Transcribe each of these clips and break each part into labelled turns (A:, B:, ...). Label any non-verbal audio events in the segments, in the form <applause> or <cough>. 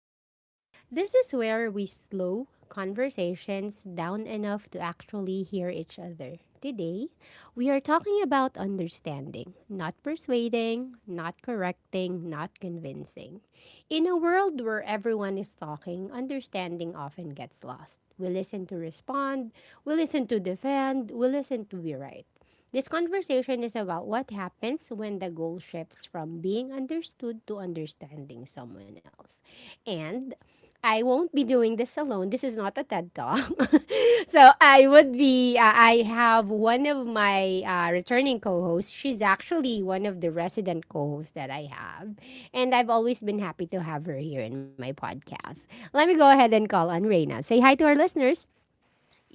A: Lounge. This is where we slow conversations down enough to actually hear each other. Today, we are talking about understanding, not persuading, not correcting, not convincing. In a world where everyone is talking, understanding often gets lost. We listen to respond, we listen to defend, we listen to be right. This conversation is about what happens when the goal shifts from being understood to understanding someone else. And I won't be doing this alone. This is not a TED Talk. <laughs> So I would be, I have one of my returning co hosts. She's actually one of the resident co hosts that I have. And I've always been happy to have her here in my podcast. Let me go ahead and call on Reina. Say hi to our listeners.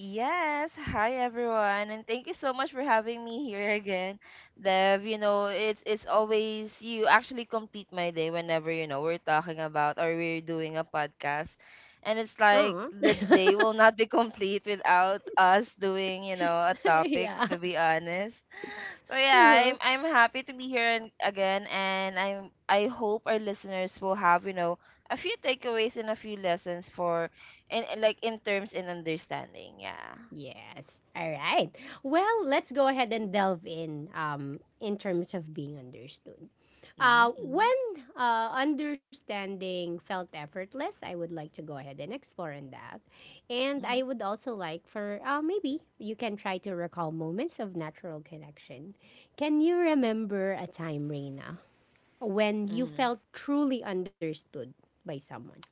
B: Yes, hi everyone, and thank you so much for having me here again. Dev, it's always you actually complete my day whenever, we're talking about or we're doing a podcast. And it's like
A: Aw.
B: the day will not be <laughs> complete without us doing, a
A: <laughs>
B: topic, to
A: yeah.
B: be honest. So yeah, I'm
A: Uh-huh.
B: I'm happy to be here, and, again, and I hope our listeners will have, a few takeaways and a few lessons for and, like, in terms in understanding. Yeah.
A: Yes. All right. Well, let's go ahead and delve in terms of being understood.
B: Mhm,
A: Uh,
B: mhm,
A: when uh, understanding felt effortless, I would like to go ahead and explore in that. And
B: mhm,
A: I would also like for maybe you can try to recall moments of natural connection. Can you remember a time, Reina, when you
B: mhm.
A: felt truly understood by someone?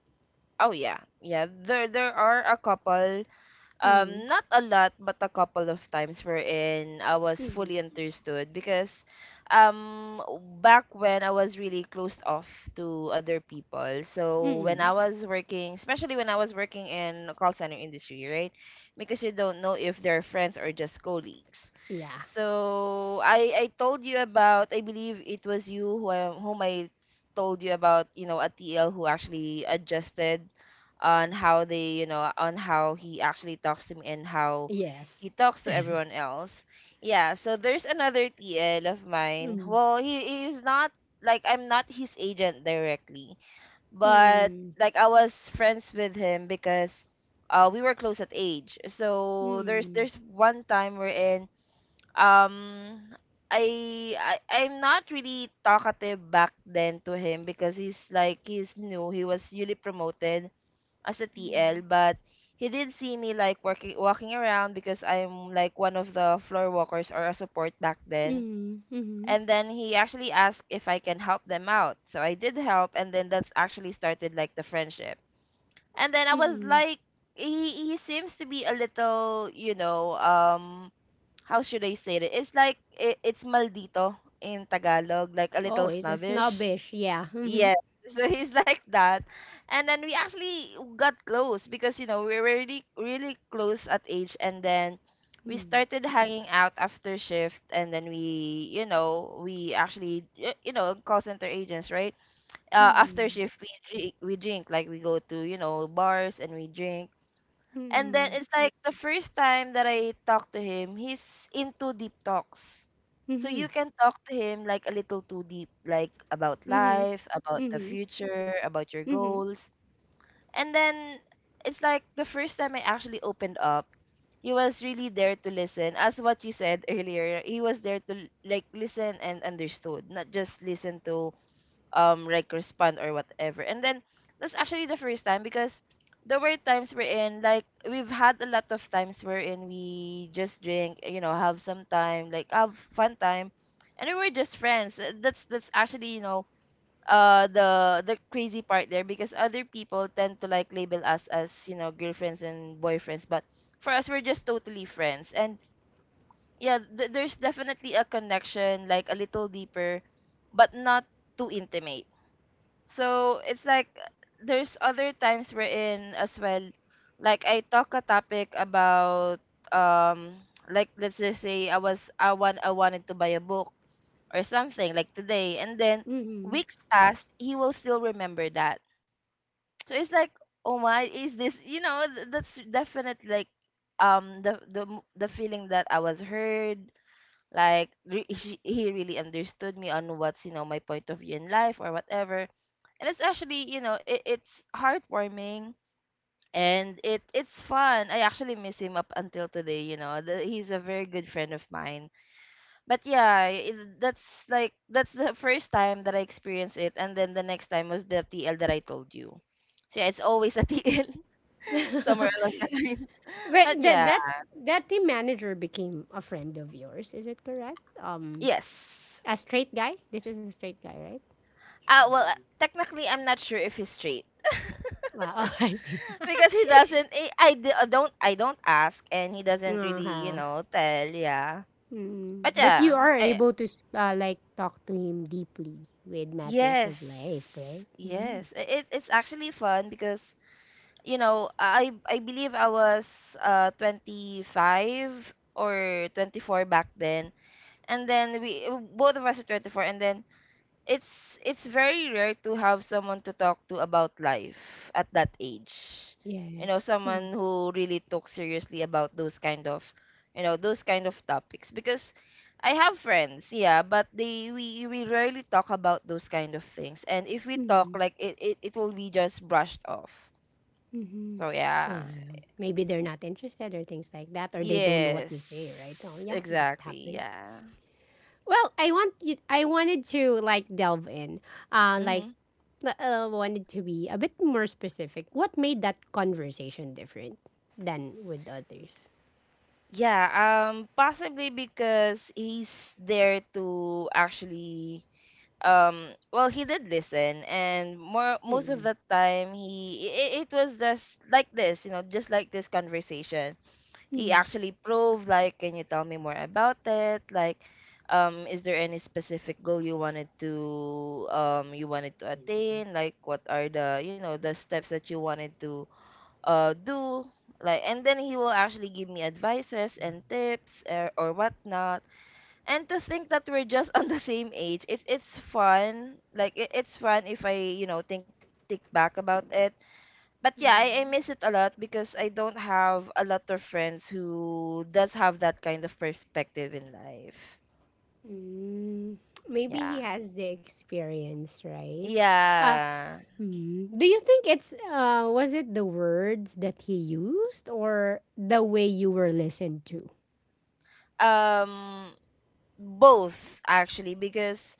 B: Oh yeah, yeah. There are a couple,
A: Mm-hmm.
B: not a lot, but a couple of times wherein I was fully
A: Mm-hmm.
B: understood, because, um, back when I was really closed off to other people. So when I
A: Mm-hmm.
B: was working, especially when I was working in call center industry, right? Because you don't know if they're friends or just colleagues.
A: Yeah.
B: So I told you about, I believe it was you, whom I told you about, ATL, who actually adjusted on how they, on how he actually talks to me and how he
A: Yes.
B: talks to everyone else. Yeah, so there's another TL of mine.
A: Mm-hmm.
B: Well, he is not, like, I'm not his agent directly, but,
A: Mm,
B: like, I was friends with him, because we were close at age. So there's
A: mm,
B: one time we're in, um I'm not really talkative back then to him, because he's new. He was newly promoted as a TL,
A: mm,
B: but he did see me, like, working walking around, because I'm like one of the floor walkers or a support back then.
A: mm,
B: And
A: mhm,
B: then he actually asked if I can help them out. So I did help, and then that's actually started like the friendship. And then I was
A: mm.
B: like, he seems to be a little, how should I say it? It's like, I it's maldito in Tagalog, like a little
A: Oh, it's a
B: snobbish.
A: snobbish, yeah.
B: Yes.
A: Mhm,
B: <laughs> So he's like that. And then we actually got close, because, we were really really close at age, and then we
A: mm,
B: started hanging out after shift, and then we actually, call center agents, right? After shift we drink, like we go to, bars, and we drink.
A: mm,
B: And then it's
A: mm,
B: like the first time that I talked to him, he's into deep talks. So you
A: mhm,
B: can talk to him, like, a little too deep, like about
A: mhm,
B: life, about the
A: mhm,
B: future, about your goals. And then it's like the first time I actually opened up, he was really there to listen. As what you said <laughs> earlier, he was there to like listen and understood, not just listen to, like, respond or whatever. And then that's actually the first time, because there were times we're in, like, we've had a lot of times wherein we just drink, have some time, like, have fun time, and we were just friends. That's actually, the crazy part there, because other people tend to, like, label us as, girlfriends and boyfriends, but for us we're just totally friends. And yeah, there's definitely a connection, like, a little deeper, but not too intimate, so it's like, there's other times we're in as well. Like, I talk a topic about, um like, let's just say I wanted to buy a book or something, like, today, and then
A: mhm, mhm.
B: weeks passed, he will still remember that. So it's like, oh my, is this, that's definitely like, the feeling that I was heard, like, he really understood me on what's, my point of view in life or whatever. And it's actually, it's heartwarming, and it's fun. I actually miss him up until today. He's a very good friend of mine. But yeah, that's like, that's the first time that I experienced it. And then the next time was the TL that I told you. So yeah, it's always a TL <laughs> somewhere along the
A: <laughs>
B: line. But
A: But
B: yeah.
A: that that team manager became a friend of yours, is it correct?
B: Yes.
A: A straight guy. This is a straight guy, right?
B: Well, technically I'm not sure if he's straight,
A: Wow, <laughs> I see.
B: because he
A: <laughs>
B: doesn't, do not, I, I don't ask, and he doesn't really,
A: uh-huh.
B: tell. Yeah. But
A: Mm. But
B: yeah,
A: you are able to like talk to him deeply with matters
B: yes,
A: of life, right? Mm.
B: yes. It's actually fun, because, I believe I was 25 or 24 back then, and then we both of us are 24. And then it's very rare to have someone to talk to about life at that age.
A: Yes.
B: You
A: Mm.
B: know, someone who really talks seriously about those kind of, those kind of topics, because I have friends, yeah, but they we rarely talk about those kind of things. And if we talk,
A: Mm.
B: like, it will be just brushed off.
A: Mm-hmm.
B: So yeah.
A: Well, yeah. Maybe they're not interested or things like that, or they don't know
B: Yes.
A: what to say, right? Oh, yeah, that
B: Exactly,
A: happens.
B: yeah.
A: Well, I want you. I wanted to like delve in, uh,
B: Mhm.
A: like wanted to be a bit more specific. What made that conversation different than with others?
B: Yeah, possibly because he's there to actually, well, he did listen. And more most of the
A: Mm.
B: time, he it was just like this, just like this conversation. He
A: Mm.
B: actually proved like, can you tell me more about it, like, is there any specific goal you wanted to, attain? Like, what are the steps that you wanted to, do? Like, and then he will actually give me advices and tips, or whatnot. And to think that we're just on the same age, it's fun. Like, it's fun if I, think back about it. But yeah, I miss it a lot, because I don't have a lot of friends who does have that kind of perspective in life.
A: Mm, maybe
B: Yeah.
A: he has the experience, right? Uh,
B: Yeah.
A: do you think it's was it the words that he used or the way you were listened to?
B: um Both, actually, because,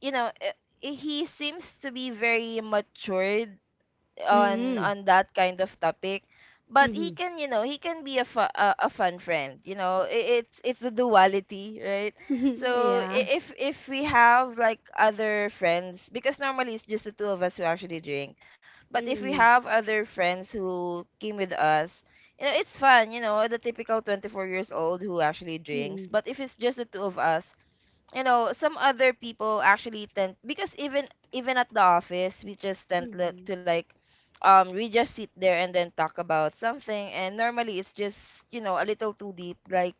B: you know eh, he seems to be very matured on,
A: Mm-mm.
B: that kind of topic. But he
A: Mm-hmm.
B: can you know he can be a fun friend. You know I it's it's the duality, right?
A: <laughs>
B: So, i-
A: yeah.
B: if if we have, like, other friends, because normally it's just the two of us who actually drink, but if we
A: Mm-mm.
B: have other friends who came with us, it's fun. The typical 24 years old who actually drinks.
A: Mm-mm.
B: But if it's just the two of us, some other people actually tend, because even, at the office, we just tend,
A: Mm-mm.
B: to, like, we just sit there and then talk about something. And normally it's just, a little too deep, like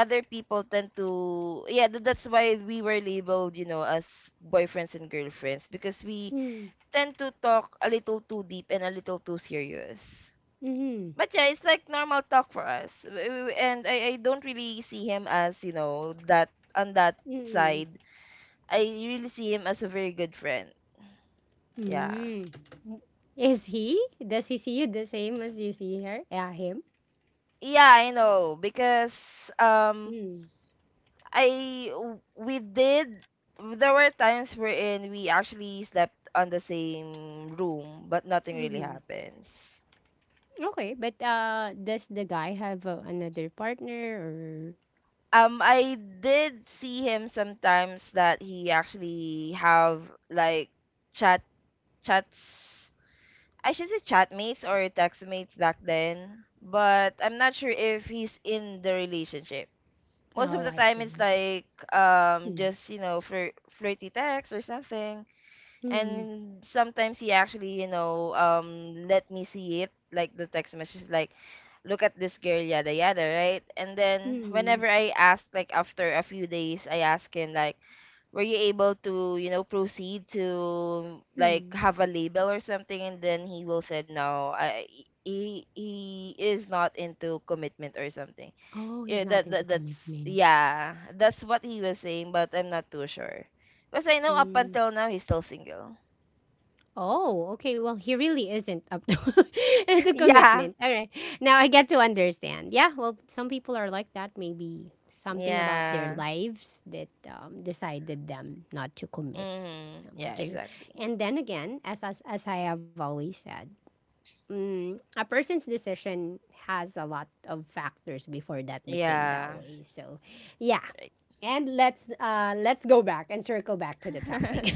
B: other people tend to, yeah, that's why we were labeled, as boyfriends and girlfriends, because we
A: Mm-mm.
B: tend to talk a little too deep and a little too serious.
A: Mm-mm.
B: But yeah, it's like normal talk for us. And I don't really see him as, that, on that
A: Mm-mm.
B: side. I really see him as a very good friend. Yeah.
A: Mm. Is he? Does he see you the same as you see her? Yeah, him.
B: Yeah, I know, because, um
A: Mm.
B: I w- we did there were times wherein we actually slept on the same room, but nothing really
A: Mm-hmm.
B: happens.
A: Okay, but does the guy have another partner or
B: I did see him sometimes that he actually have, like, chat, chats, I should say, chatmates or textmates back then, but I'm not sure if he's in the relationship. Most of
A: Oh,
B: the
A: I
B: time
A: see.
B: it's like,
A: Hmm.
B: just, flirty text or something.
A: Hmm.
B: And sometimes he actually, let me see it, like the text message, like, look at this girl, yada yada, right? And then
A: Hmm.
B: whenever I ask, like, after a few days, I ask him like, were you able to, proceed to, like,
A: Hmm.
B: have a label or something? And then he will said, no, I he is not into commitment or something.
A: Oh, he's
B: Yeah,
A: not
B: that,
A: into
B: that that's
A: commitment.
B: yeah, that's what he was saying, but I'm not too sure. Because I know up
A: Mm.
B: until now he's still single.
A: Oh, okay. Well, he really isn't up <laughs> to
B: <laughs>
A: into
B: Yeah.
A: commitment. All right. Now I get to understand. Yeah, well, some people are like that. Maybe something about their
B: Yeah.
A: lives that decided them not to commit.
B: Mm-hmm. Yeah,
A: Because,
B: exactly.
A: and then again, as I have always said, Mm, a person's decision has a lot of factors before that became that
B: Yeah.
A: way. So, yeah.
B: Right.
A: And let's let's go back and circle back to the topic.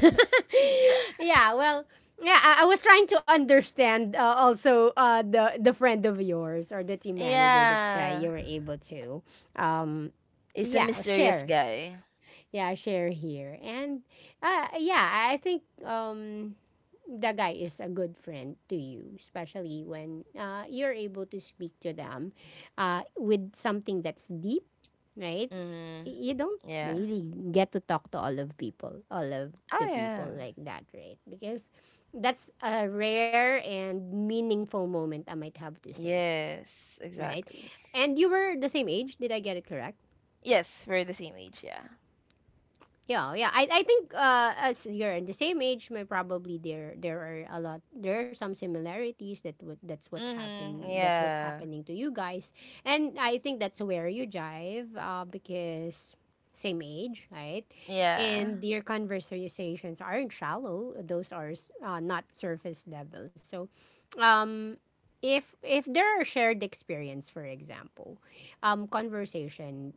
A: <laughs> yeah, well, yeah, I was trying to understand also the friend of yours or the team
B: <laughs>
A: manager that
B: Yeah.
A: you were able to um
B: He's a
A: yeah,
B: mysterious
A: share.
B: guy.
A: Yeah, share here. And yeah, I think the guy is a good friend to you, especially when you're able to speak to them with something that's deep, right?
B: Mm-hmm.
A: You don't
B: Yeah.
A: really get to talk to all of people, all of
B: Oh
A: the people
B: yeah.
A: like that, right? Because that's a rare and meaningful moment I might have to say,
B: Yes,
A: right?
B: exactly.
A: And you were the same age, did I get it correct?
B: Yes, we're the same age, yeah.
A: Yeah, yeah. I think as you're in the same age, may probably there are a lot there are some similarities that what
B: Mm-hmm.
A: that's what's
B: Yeah.
A: happening to you guys, and I think that's where you jive because same age, right?
B: Yeah.
A: And your conversations aren't shallow; those are not surface level. So, um, if there are shared experience, for example, conversation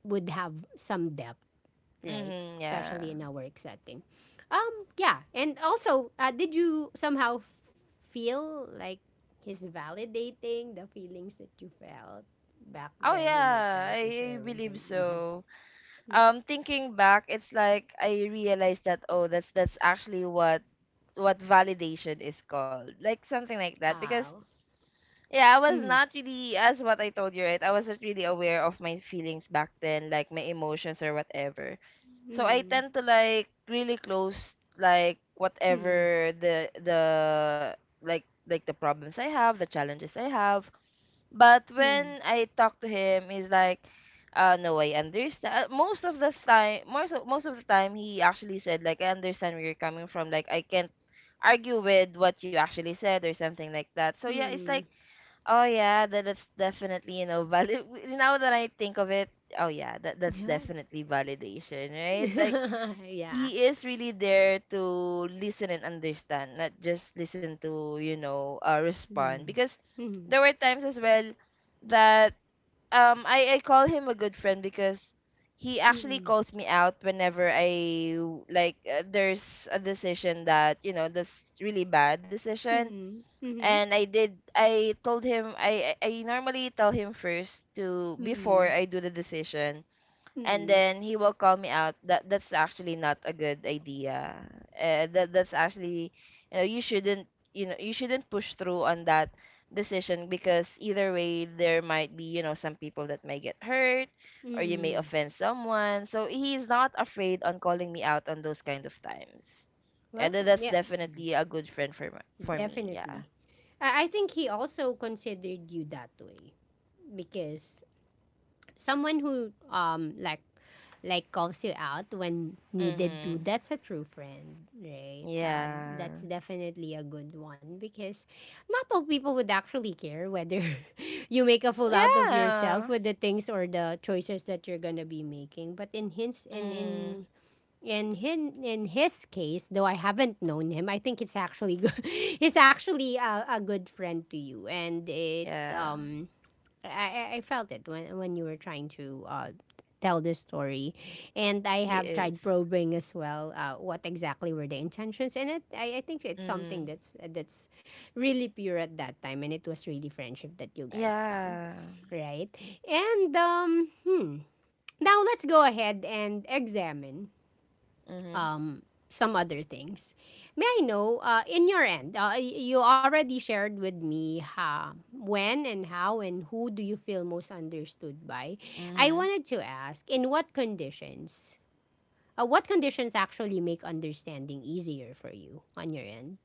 A: would have some depth right?
B: Mm-hmm, yeah.
A: Especially in a work setting. Yeah. And also, did you somehow feel like he's validating the feelings that you felt back
B: Oh
A: then when you're
B: yeah,
A: trying to
B: I
A: share with him?
B: believe
A: Mm-hmm.
B: so. Thinking back, it's like I realized that, oh, that's actually what validation is called, like something like that.
A: Oh.
B: Because yeah, I
A: Mm-hmm.
B: was not really, as what I told you, right, I wasn't really aware of my feelings back then, like my emotions or whatever. So I
A: Mm-hmm.
B: tend to, like, really close, like
A: Mm-hmm.
B: whatever, the like, the problems I have, the challenges I have. But when I talk to him, he's like, no, I understand. Most of the time, he actually said like, I understand where you're coming from. Like, I can't argue with what you actually said, or something like that. So yeah, it's
A: Mm-hmm.
B: like, oh yeah, that's definitely valid. <laughs> Now that I think of it, oh yeah, that's
A: Yeah.
B: definitely validation, right? Like,
A: <laughs> yeah.
B: he is really there to listen and understand, not just listen to, respond.
A: Mm-hmm.
B: Because
A: mm
B: there were times as well that I call him a good friend because he actually
A: mm
B: calls me out whenever I like there's a decision that that's really bad decision,
A: mm mm
B: and I told him I normally tell him first to before
A: mm
B: I do the decision. And
A: mm
B: then he will call me out that that's actually not a good idea. That that's actually, you shouldn't push through on that decision, because either way there might be, some people that may get hurt, or you may
A: Mm.
B: offend someone. So he's not afraid on calling me out on those kind of times. Yeah,
A: Well,
B: that's
A: yeah.
B: definitely a good friend for for me. Yeah.
A: Definitely. I think he also considered you that way because someone who like calls you out when needed to
B: Mhm.
A: that's a true friend right
B: Yeah,
A: that's definitely a good one because not all people would actually care whether <laughs> you make a fool out of yourself
B: yeah,
A: with the things or the choices that you're gonna be making but
B: mm,
A: in him, in his case, though I haven't known him, I think it's actually good. <laughs> he's actually a good friend to you, and it
B: yeah,
A: I felt it when you were trying to tell this story, and I
B: he
A: have
B: is.
A: tried probing as well what exactly were the intentions, and it I think it's something
B: Mm.
A: that's really pure at that time, and it was really friendship that you guys found,
B: Yeah.
A: right? And um hmm. Now let's go ahead and examine
B: Mhm.
A: um, some other things. May I know, in your end, you already shared with me ha, when and how and who do you feel most understood by. I
B: Mhm.
A: wanted to ask, in what conditions? What conditions actually make understanding easier for you on your end?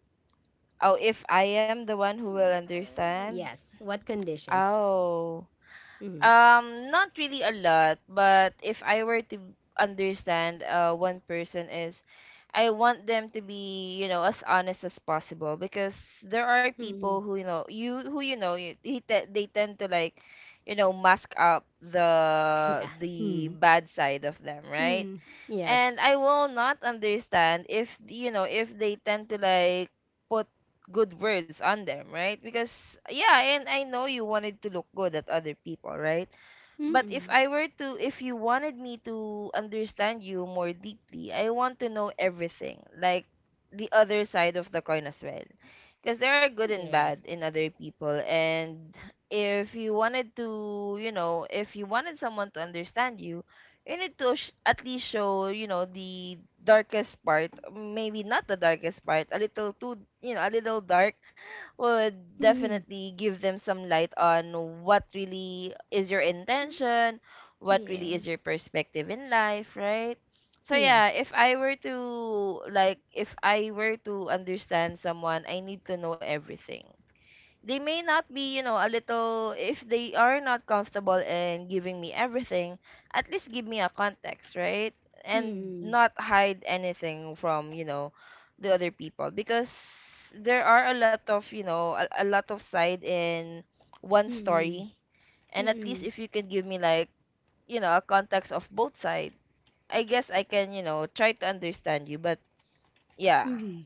B: Oh, if I am the one who will understand.
A: Yes, what conditions?
B: Oh.
A: Mm-hmm.
B: Not really a lot, but if I were to understand one person is, I want them to be, as honest as possible, because there are
A: Mm-hmm.
B: people who, you know, you who you know, you, he te- they tend to like, mask up
A: <laughs> Yeah.
B: the
A: Mm-hmm.
B: bad side of them, right?
A: Mm-hmm.
B: And
A: Yes.
B: I will not understand if, if they tend to like put good words on them, right? Because yeah, and I know you wanted to look good at other people, right? But
A: Mm-hmm.
B: if you wanted me to understand you more deeply, I want to know everything, like the other side of the coin as well. Because there are good
A: Yes.
B: and bad in other people. And if you wanted to, you know, if you wanted someone to understand you, you need to at least show, the darkest part. Maybe not the darkest part, a little too, a little dark would
A: Mm-hmm.
B: definitely give them some light on what really is your intention, what really is
A: Yes.
B: your perspective in life, right? So yeah,
A: Yes.
B: if I were to like if I were to understand someone, I need to know everything. They may not be, if they are not comfortable in giving me everything, at least give me a context, right? And
A: Mm-hmm.
B: not hide anything from, the other people. Because there are a lot of, a lot of side in one
A: Mm-hmm.
B: story. And at least
A: Mm-mm.
B: if you can give me, like, a context of both side, I guess I can, try to understand you. But yeah,
A: Mm-hmm.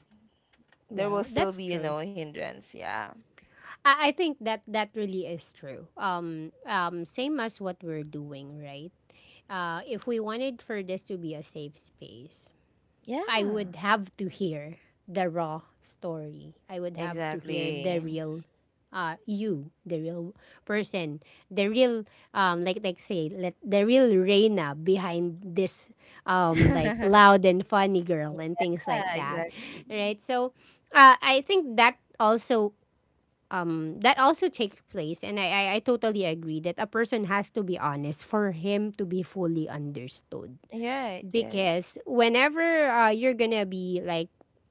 B: there will
A: Well,
B: still
A: that's
B: be,
A: true.
B: a hindrance. Yeah.
A: I think that that really is true. Same as what we're doing, right? If we wanted for this to be a safe space, I
B: Yeah.
A: would have to hear the raw story. I would have to hear the
B: Exactly.
A: real you, the real person, the real like say let the real Reina behind this
B: <laughs>
A: like
B: Yeah,
A: loud and funny girl and things like that.
B: exactly.
A: Right? So I think that also takes place and I totally agree that a person has to be honest for him to be fully understood
B: Right, right.
A: because whenever you're gonna be like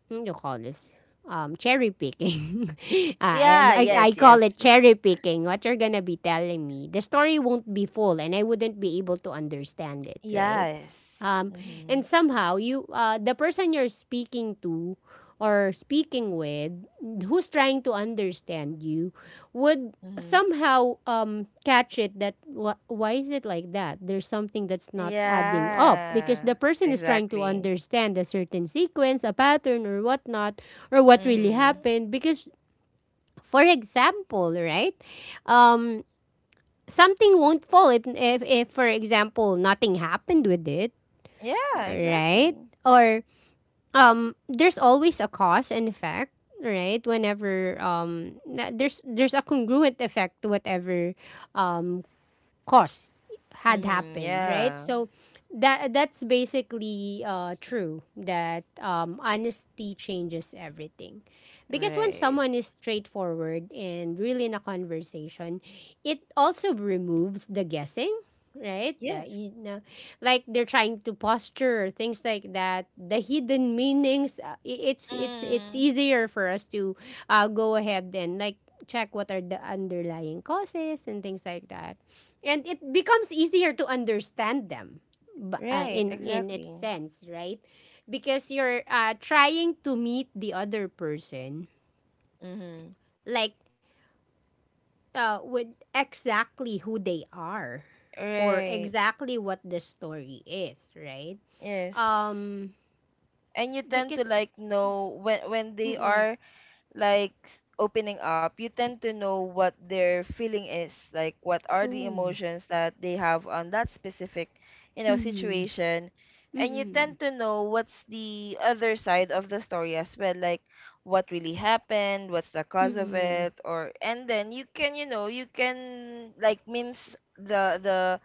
A: what do you call this cherry picking <laughs> I, am-
B: Yeah,
A: I I
B: yes, yes.
A: call it cherry picking what you're gonna be telling me the story won't be full and I wouldn't be able to understand it right
B: Yes.
A: um and
B: Mm-hmm.
A: somehow you the person you're speaking to or speaking with who's trying to understand you would
B: Mm-hmm.
A: somehow catch it that why is it like that? There's something that's not adding up because
B: Yeah,
A: the person is trying to
B: exactly.
A: understand a certain sequence, a pattern, or whatnot, or what really
B: Mm-hmm.
A: happened. Because, for example, right, um, something won't fall if, for example, nothing happened with it,
B: Yeah,
A: right?
B: exactly.
A: Or there's always a cause and effect. Right, whenever there's a congruent effect to whatever um, cause had
B: Mm-hmm.
A: happened, right?
B: Yeah,
A: So that that's basically true that honesty changes everything, because when
B: right.
A: someone is straightforward and really in a conversation, it also removes the guessing. Right, uh,
B: Yes.
A: you know, like they're trying to posture things like that. The hidden meanings. It's
B: Mm,
A: easier for us to go ahead and like check what are the underlying causes and things like that and it becomes easier to understand them
B: right,
A: in its
B: exactly.
A: sense right because you're trying to meet the other person
B: Mm-hmm.
A: like with exactly who they are or
B: Right.
A: exactly what the story is right
B: Yes.
A: um
B: And you
A: because
B: tend to like know when they
A: mm-mm,
B: are like opening up. You tend to know what their feeling is, like what are the
A: true
B: emotions that they have on that specific,
A: mm-mm,
B: situation. And you
A: mm-mm,
B: tend to know what's the other side of the story as well, like what really happened, what's the cause of
A: mm-mm,
B: it, or and then you can, like mince the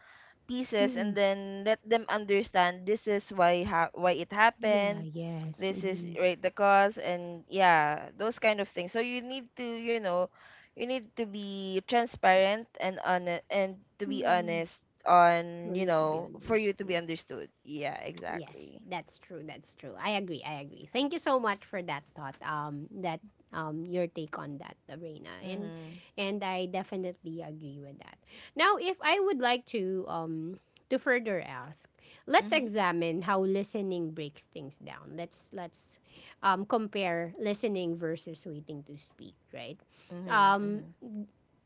B: pieces and
A: mm-mm.
B: then let them understand this is why why it
A: yeah
B: happened,
A: yes
B: this is
A: mm-mm,
B: right the cause. And yeah, those kind of things. So you need to, you need to be transparent and honest. And to be
A: mm-mm.
B: honest, on
A: for you to be
B: for you to be
A: understood
B: understood. Yeah,
A: Yes,
B: exactly.
A: that's true. That's true. I agree. I agree. Thank you so much for that thought. That your take on that, Reina,
B: Mhm.
A: and I definitely agree with that. Now, if I would like to further ask, let's
B: Mhm.
A: examine how listening breaks things down. Let's compare listening versus waiting to speak. Right.
B: Mhm.
A: Um.
B: Mhm.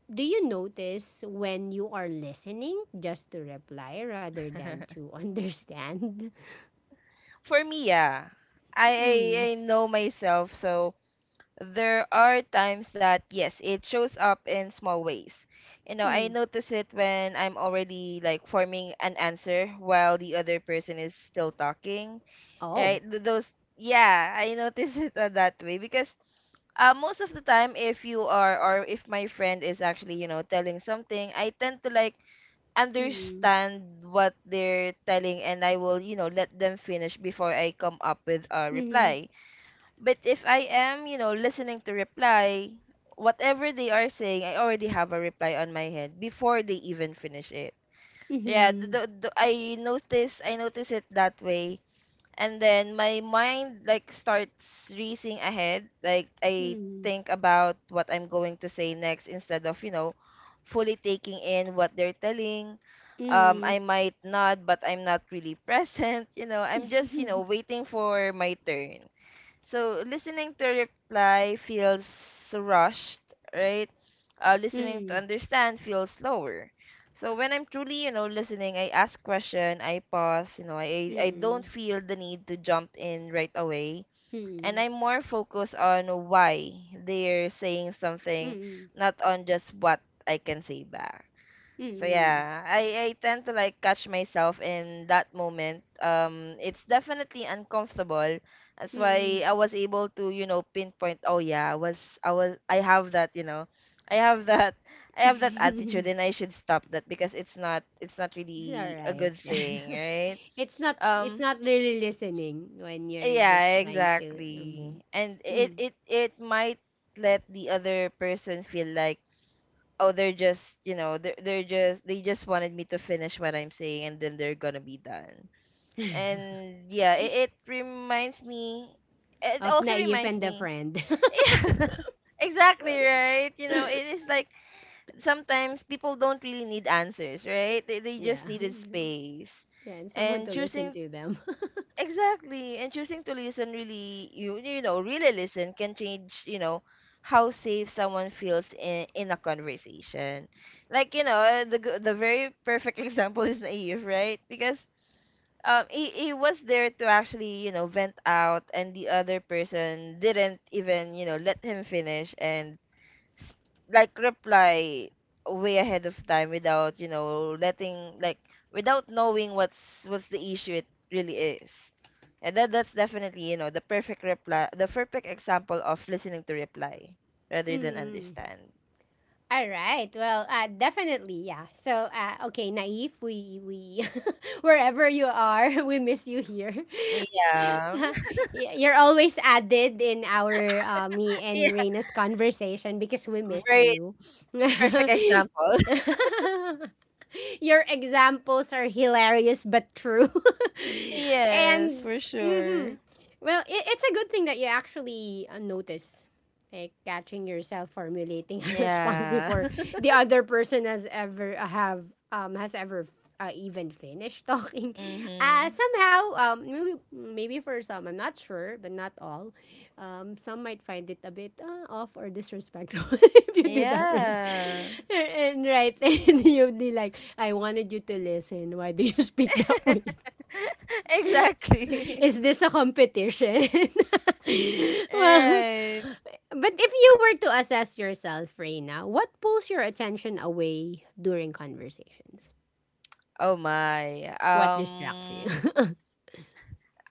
A: Do you notice when you are listening just to reply rather than
B: <laughs>
A: to <laughs> understand?
B: For me, yeah. I, I
A: Mm.
B: I know myself, so there are times that yes, it shows up in small ways. I
A: Mhm.
B: notice it when I'm already like forming an answer while the other person is still talking, right?
A: Oh.
B: Th- Those yeah, I notice <laughs> it, that way. Because most of the time, if my friend is actually, telling something, I tend to like
A: Mhm.
B: understand what they're telling, and I will, let them finish before I come up with a
A: Mhm.
B: reply. But if I am, listening to reply, whatever they are saying, I already have a reply on my head before they even finish it. Yeah,
A: Mhm.
B: I notice it that way, and then my mind like starts racing ahead. Like I think about what I'm going to say next instead of, fully taking in what they're telling.
A: Mhm.
B: I
A: Mhm.
B: might nod, but I'm not really <laughs> present. I'm just
A: Mhm.
B: waiting for my turn. So listening to reply feels rushed, right? Listening
A: Mhm.
B: to understand feels slower. So when I'm truly, listening, I ask question, I pause, I don't feel the need to jump in right away, and I'm more focused on why they're saying something,
A: Mhm.
B: not on just what I can say back. So
A: Mhm.
B: yeah, I tend to like catch myself in that moment. It's definitely uncomfortable. That's why
A: Mhm.
B: I was able to pinpoint. Oh yeah, I have that you know, I have that <laughs> I have that attitude,
A: Mhm. <laughs>
B: and I
A: <laughs>
B: should stop that because it's not
A: It's all
B: really a
A: right.
B: good
A: <laughs>
B: thing, right?
A: It's
B: Um,
A: not really listening when you're just
B: yeah,
A: trying to
B: exactly.
A: mhm.
B: And it
A: Mhm.
B: it it might let the other person feel like, oh, they just wanted me to finish what I'm saying, and then they're gonna be done. And yeah, it reminds me, it
A: of
B: also
A: naive
B: reminds
A: and a
B: me.
A: friend. <laughs>
B: <laughs> Yeah, exactly, right. It is like sometimes people don't really need answers, right? They
A: Yeah.
B: just needed space.
A: Yeah, and someone
B: And
A: to listen
B: choosing
A: to them. <laughs>
B: Exactly. And choosing to listen really, really listen, can change, how safe someone feels in a conversation. Like, the very perfect <laughs> example is Naive, right? Because he was there to actually, vent out. And the other person didn't even, let him finish and s- like reply way ahead of time without you know letting like without knowing what's the issue it really is. And that's definitely, the perfect example of listening to reply rather than
A: Mhm.
B: understand.
A: All right. Well, definitely, yeah. So, okay, Naif, we <laughs> wherever you are, <laughs> we miss you here. <laughs>
B: Yeah.
A: You're always added in our
B: <laughs>
A: me
B: Yeah,
A: and Reina's conversation because we miss
B: very
A: you. <laughs>
B: perfect example.
A: Your examples are hilarious but true,
B: <laughs>
A: <laughs>
B: Yes,
A: and
B: for sure.
A: hmm well, it's a good thing that you actually notice, like catching yourself formulating a <laughs> response
B: Yeah.
A: before
B: <laughs>
A: the other person has ever um has ever even finished talking. <laughs> uh
B: Mhm.
A: somehow um maybe for some I'm not sure, but not all. Some might find it a bit off or disrespectful, <laughs> if you do that, right?
B: Yeah.
A: <laughs> And right, <laughs> and you'll be like, I wanted you to listen, why do you <laughs> speak that way?
B: <laughs>
A: <laughs> Is
B: Exactly.
A: this a competition?
B: <laughs>
A: <laughs> Well,
B: Right.
A: but if you were to assess yourself, Reina, what pulls your attention away during conversations?
B: Oh my.
A: What distracts you?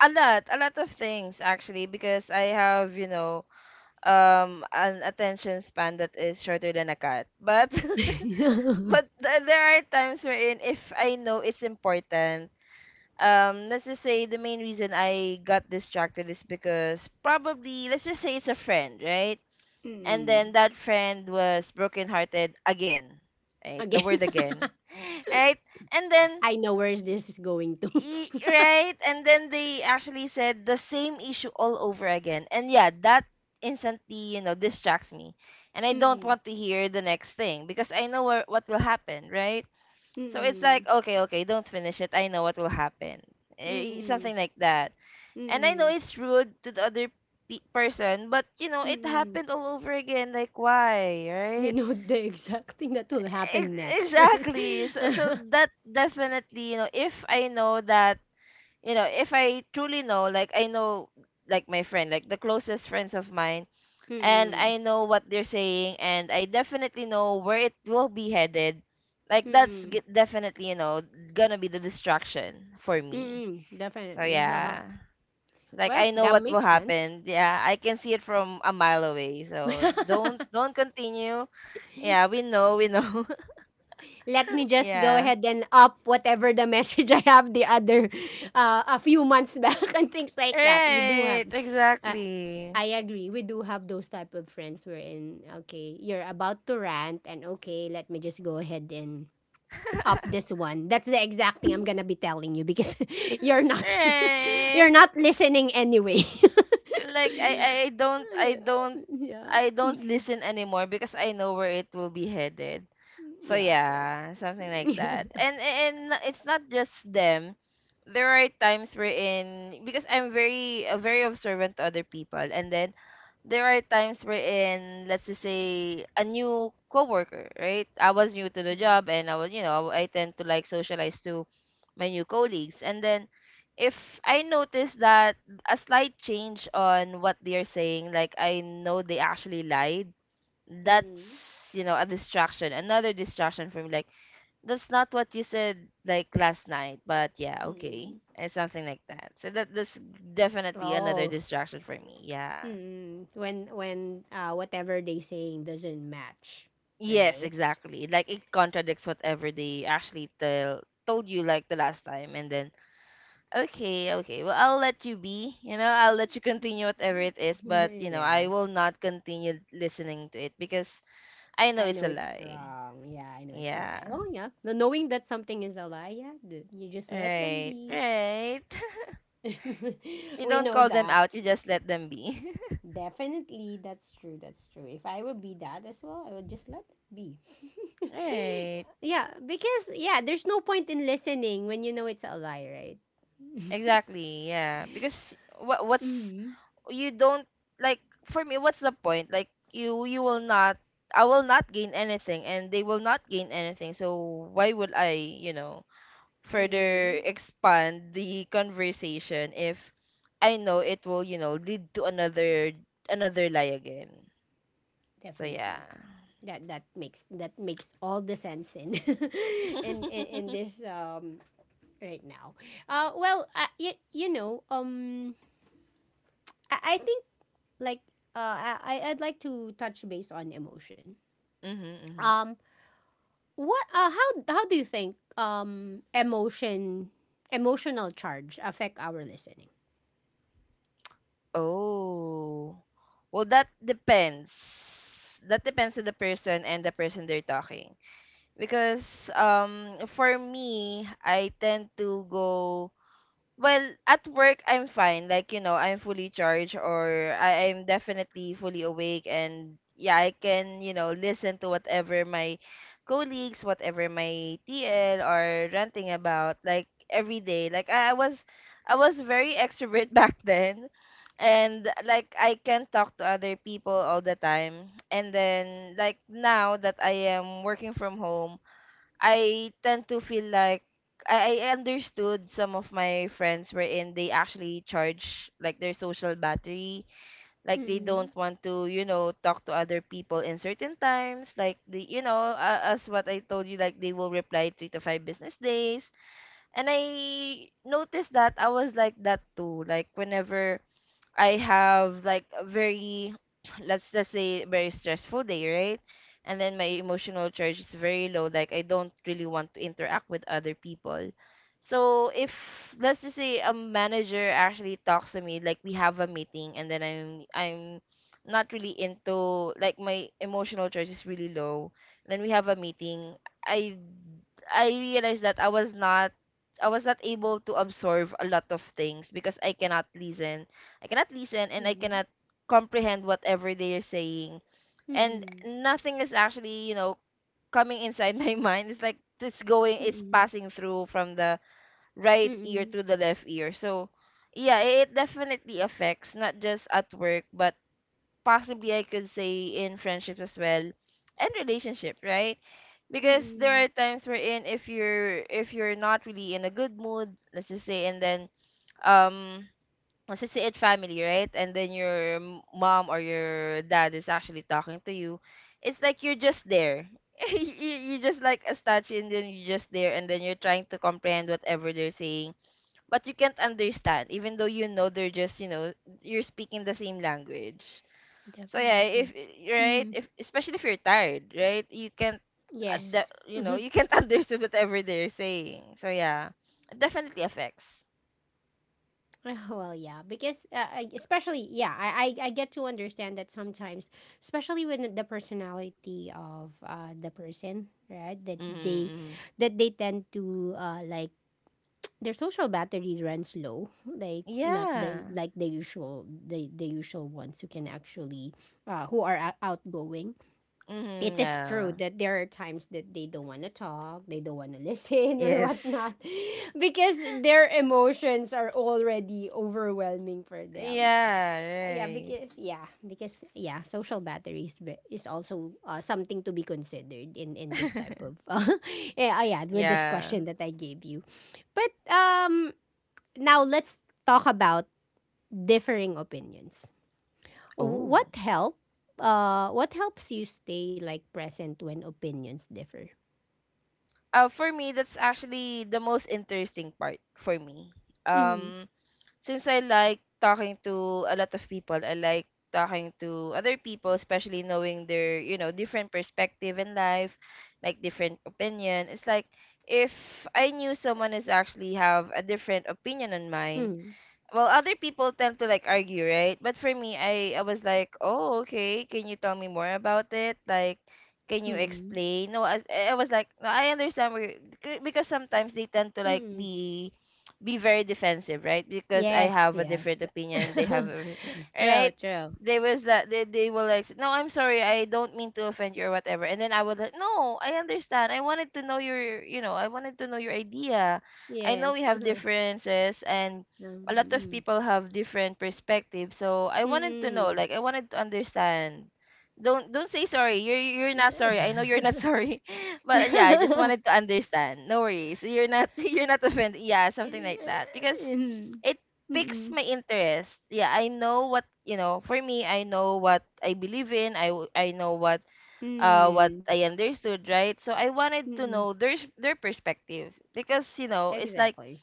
B: A lot, a lot of things actually, because I have, an attention span that is shorter than a cat. But, <laughs> but
A: <laughs>
B: there are times wherein if I know it's important, let's just say the main reason I got distracted is because probably, let's just say it's a friend, right? And then
A: Mm.
B: that friend was brokenhearted again, right? The
A: Again,
B: word again. <gasps> <laughs> Right? And
A: <laughs>
B: then
A: I know where this is going to.
B: Right? And then they actually said the same issue all over again. And yeah, that instantly, distracts me. And I
A: <laughs>
B: don't
A: Mm.
B: want to hear the next thing because I know what will happen, right? So it's like,
A: Mm.
B: okay, okay, don't finish it. I know what will happen.
A: Mm.
B: Something like that. And I know
A: Mm.
B: it's rude to the other person, but it
A: Mm.
B: happened all over again. Like, why,
A: You
B: right?
A: know the exact thing that will happen
B: Ex-
A: next, right? <laughs>
B: exactly. So,
A: Mm-mm.
B: that definitely, if I know that you know, if I truly know, like I know, like my friend, like the closest friends of mine, and
A: Mm.
B: I know what they're saying, and I definitely know where it will be headed, like that's definitely, gonna be the distraction for me.
A: Mm.
B: So
A: Definitely. Uh-huh.
B: yeah. Like
A: Well,
B: I know
A: that
B: what will
A: makes sense.
B: happen. Yeah, I can see it from a mile away. So don't
A: <laughs>
B: don't continue. Yeah, we know, we know.
A: Let
B: <laughs>
A: me just go
B: Yeah.
A: ahead and up whatever the <laughs> message I have the other a few months back. <laughs> And things like that. We do have
B: Right,
A: uh,
B: exactly.
A: I agree. We do have those type of friends wherein, okay, you're about to rant, and okay, let me just go ahead and up this one. That's the exact thing I'm going to be telling you because <laughs> you're not <laughs> you're
B: Right.
A: not listening anyway. <laughs>
B: Like I I I don't I don't
A: Yeah.
B: I don't
A: Mm-mm.
B: listen anymore because I know where it will be headed. So
A: Yeah,
B: yeah, something like
A: true.
B: that.
A: <laughs>
B: And it's not just them. There are times wherein because I'm very very observant to other people, and then there are times wherein let's just say a new coworker, right? I was new to the job, and I was you know I tend to like socialize to my new colleagues, and then if I notice that a slight change on what they're saying, like I know they actually lied. That's,
A: Mm-mm.
B: you know a distraction another distraction for me. Like, that's not what you said like last night, but yeah, okay.
A: Mm-mm.
B: And something like that. So that's definitely another
A: Oh.
B: distraction for me. Yeah,
A: Mm, when when whatever they saying doesn't match,
B: yes,
A: right?
B: exactly. Like it contradicts whatever they actually tell told you like the last time. And then okay, okay. Well, I'll let you be. You know, I'll let you continue whatever it is, but
A: <laughs>
B: I
A: Yeah.
B: will not continue listening to it because I
A: I
B: know
A: know
B: it's a
A: it's
B: lie.
A: wrong. Yeah, I know it's a
B: Yeah.
A: lie. Oh yeah. No, knowing that something is a lie, yeah, dude, you just let them
B: Right.
A: be.
B: Right. <laughs>
A: <laughs>
B: You
A: We
B: don't
A: know
B: call them
A: that.
B: out, you just let them be. <laughs>
A: Definitely that's true. That's true. If I would be that as well, I would just let them be.
B: Right.
A: <laughs> Yeah, because yeah, there's no point in listening when you know it's a lie, right? <laughs>
B: Exactly. Yeah. Because what's
A: Mm-hmm.
B: you don't like, for me what's the point? Like you will not, I will not gain anything and they will not gain anything. So why would I, further
A: Mm-hmm.
B: expand the conversation if I know it will, lead to another lie again. So yeah.
A: Definitely. That that makes all the sense in <laughs> in,
B: <laughs> mhm.
A: in in this right now. Well, you know I think like I'd like to touch base on emotion.
B: mhm.
A: um what how do you think emotional charge affect our listening?
B: Oh. Well, that depends. That depends on the person and the person they're talking. Because for me, I tend to go. Well, at work I'm fine. Like, you know, I'm fully charged or I am definitely fully awake, and yeah, I can, you know, listen to whatever my colleagues, whatever my TL are ranting about like every day. Like I was, I was very extrovert <laughs> back then, and like I can talk to other people all the time. And then like now that I am working from home, I tend to feel like I understood some of my friends wherein they actually charge like their social battery. Like they
A: Mm,
B: don't want to, you know, talk to other people in certain times. Like the, you know, as what I told you, like they will reply three to five business days. And I noticed that I was like that too. Like whenever I have like a very <clears throat> let's just say very stressful day, right? And then my emotional charge is very low. Like I don't really want to interact with other people. So if, let's just say a manager actually talks to me, like we have a meeting, and then I'm not really into, like my emotional charge is really low. Then we have a meeting. I I realized that I was not, I was not able to absorb a lot of things because I cannot listen. I cannot listen and I
A: mm,
B: cannot comprehend whatever they are saying. And
A: mm,
B: nothing is actually, you know, coming inside <laughs> my mind. It's like it's going,
A: mm,
B: it's
A: mm,
B: passing through from the right ear
A: mm,
B: to the left ear. So yeah, it definitely affects not just at work but possibly I could say in friendships as well, and relationship, right? Because there
A: mm.
B: are times wherein if you're not really in a good mood, let's just say, and then um let's just say it family, right? And then your mom or your dad is actually talking to you, it's like you're just there. <laughs> You just like a statue, and then you're just there, and then you're trying to comprehend whatever they're saying, but you can't understand even though, you know, they're just, you know, you're speaking the same language. So yeah, if,
A: Definitely.
B: right,
A: Mm,
B: if especially if you're tired, right, you can't,
A: yes.
B: you
A: <laughs>
B: know, you can't <laughs> understand whatever they're saying. So yeah, it definitely affects.
A: <laughs> Well, yeah, because I- especially, yeah, I get to understand that sometimes, especially when the personality of the person, right,
B: Mm-hmm,
A: that they tend to like their social battery runs low, like not the
B: yeah.
A: like the usual the usual ones who can actually who are o- outgoing,
B: Mm-hmm,
A: it is true
B: yeah.
A: that there are times that they don't want to talk, they don't want to <laughs> listen or
B: Yes.
A: whatnot, <laughs> because their emotions are already overwhelming for them.
B: Yeah.
A: Yeah,
B: Right.
A: because yeah, because yeah, social battery is, ve- is also something to be considered in this type
B: <laughs>
A: of <laughs> yeah, yeah, with this
B: Yeah.
A: question that I gave you. But now let's talk about differing opinions. What
B: Oh.
A: help? What helps you stay like present when opinions differ?
B: For me, that's actually the most interesting part for me.
A: Mm.
B: Um, since I like talking to a lot of people, I like talking to other people, especially knowing their, you know, different perspective in life, like different opinion. It's like if I knew someone is actually have a different opinion on mine,
A: Mm.
B: well other people tend to like argue, right? But for me, I was like, oh okay, can you tell me more about it? Like can you
A: Mm.
B: explain? No, I was like, no I understand where you-" c- because sometimes they tend to like
A: Mm.
B: be very defensive, right? Because I
A: Yes.
B: have a
A: Yes.
B: different opinion, they
A: <laughs>
B: have a,
A: True.
B: right,
A: True.
B: they was that they will like, no I'm sorry, I don't mean to offend you or whatever. And then I would like, no I understand, I wanted to know your, you know, I wanted to know your idea. I know
A: Yes.
B: we have
A: Uh-huh.
B: differences, and a lot of
A: Um,
B: people have different perspectives. So I wanted to know,
A: Mm.
B: like I wanted to understand. Don't say sorry. You're
A: Mm.
B: not sorry. I know you're
A: Mm.
B: not sorry. <laughs> But yeah, I just
A: <laughs>
B: wanted to understand. No worries. You're not <laughs> you're not offended. Yeah, something like that. Because
A: Mm.
B: it piques
A: Mm.
B: my interest. Yeah, I know what, you know, for me I know what I believe in. I know what
A: Mm.
B: I understood, right? So I wanted to
A: Mm.
B: know their their perspective. Because, you
A: <laughs>
B: know, it's like
A: Exactly.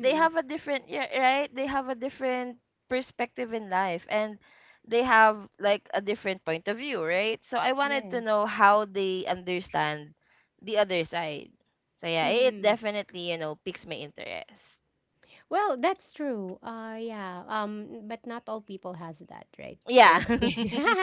B: they have a different, yeah right, they have a different perspective in life, and they have like a different point of view, right? So I wanted to
A: Yes.
B: know how they understand the other side. So yeah, it
A: Mm.
B: definitely, you know, piques my interest.
A: Well, that's true. Yeah. Um, but not all people has that, right?
B: Yeah.
A: If they,
B: <laughs>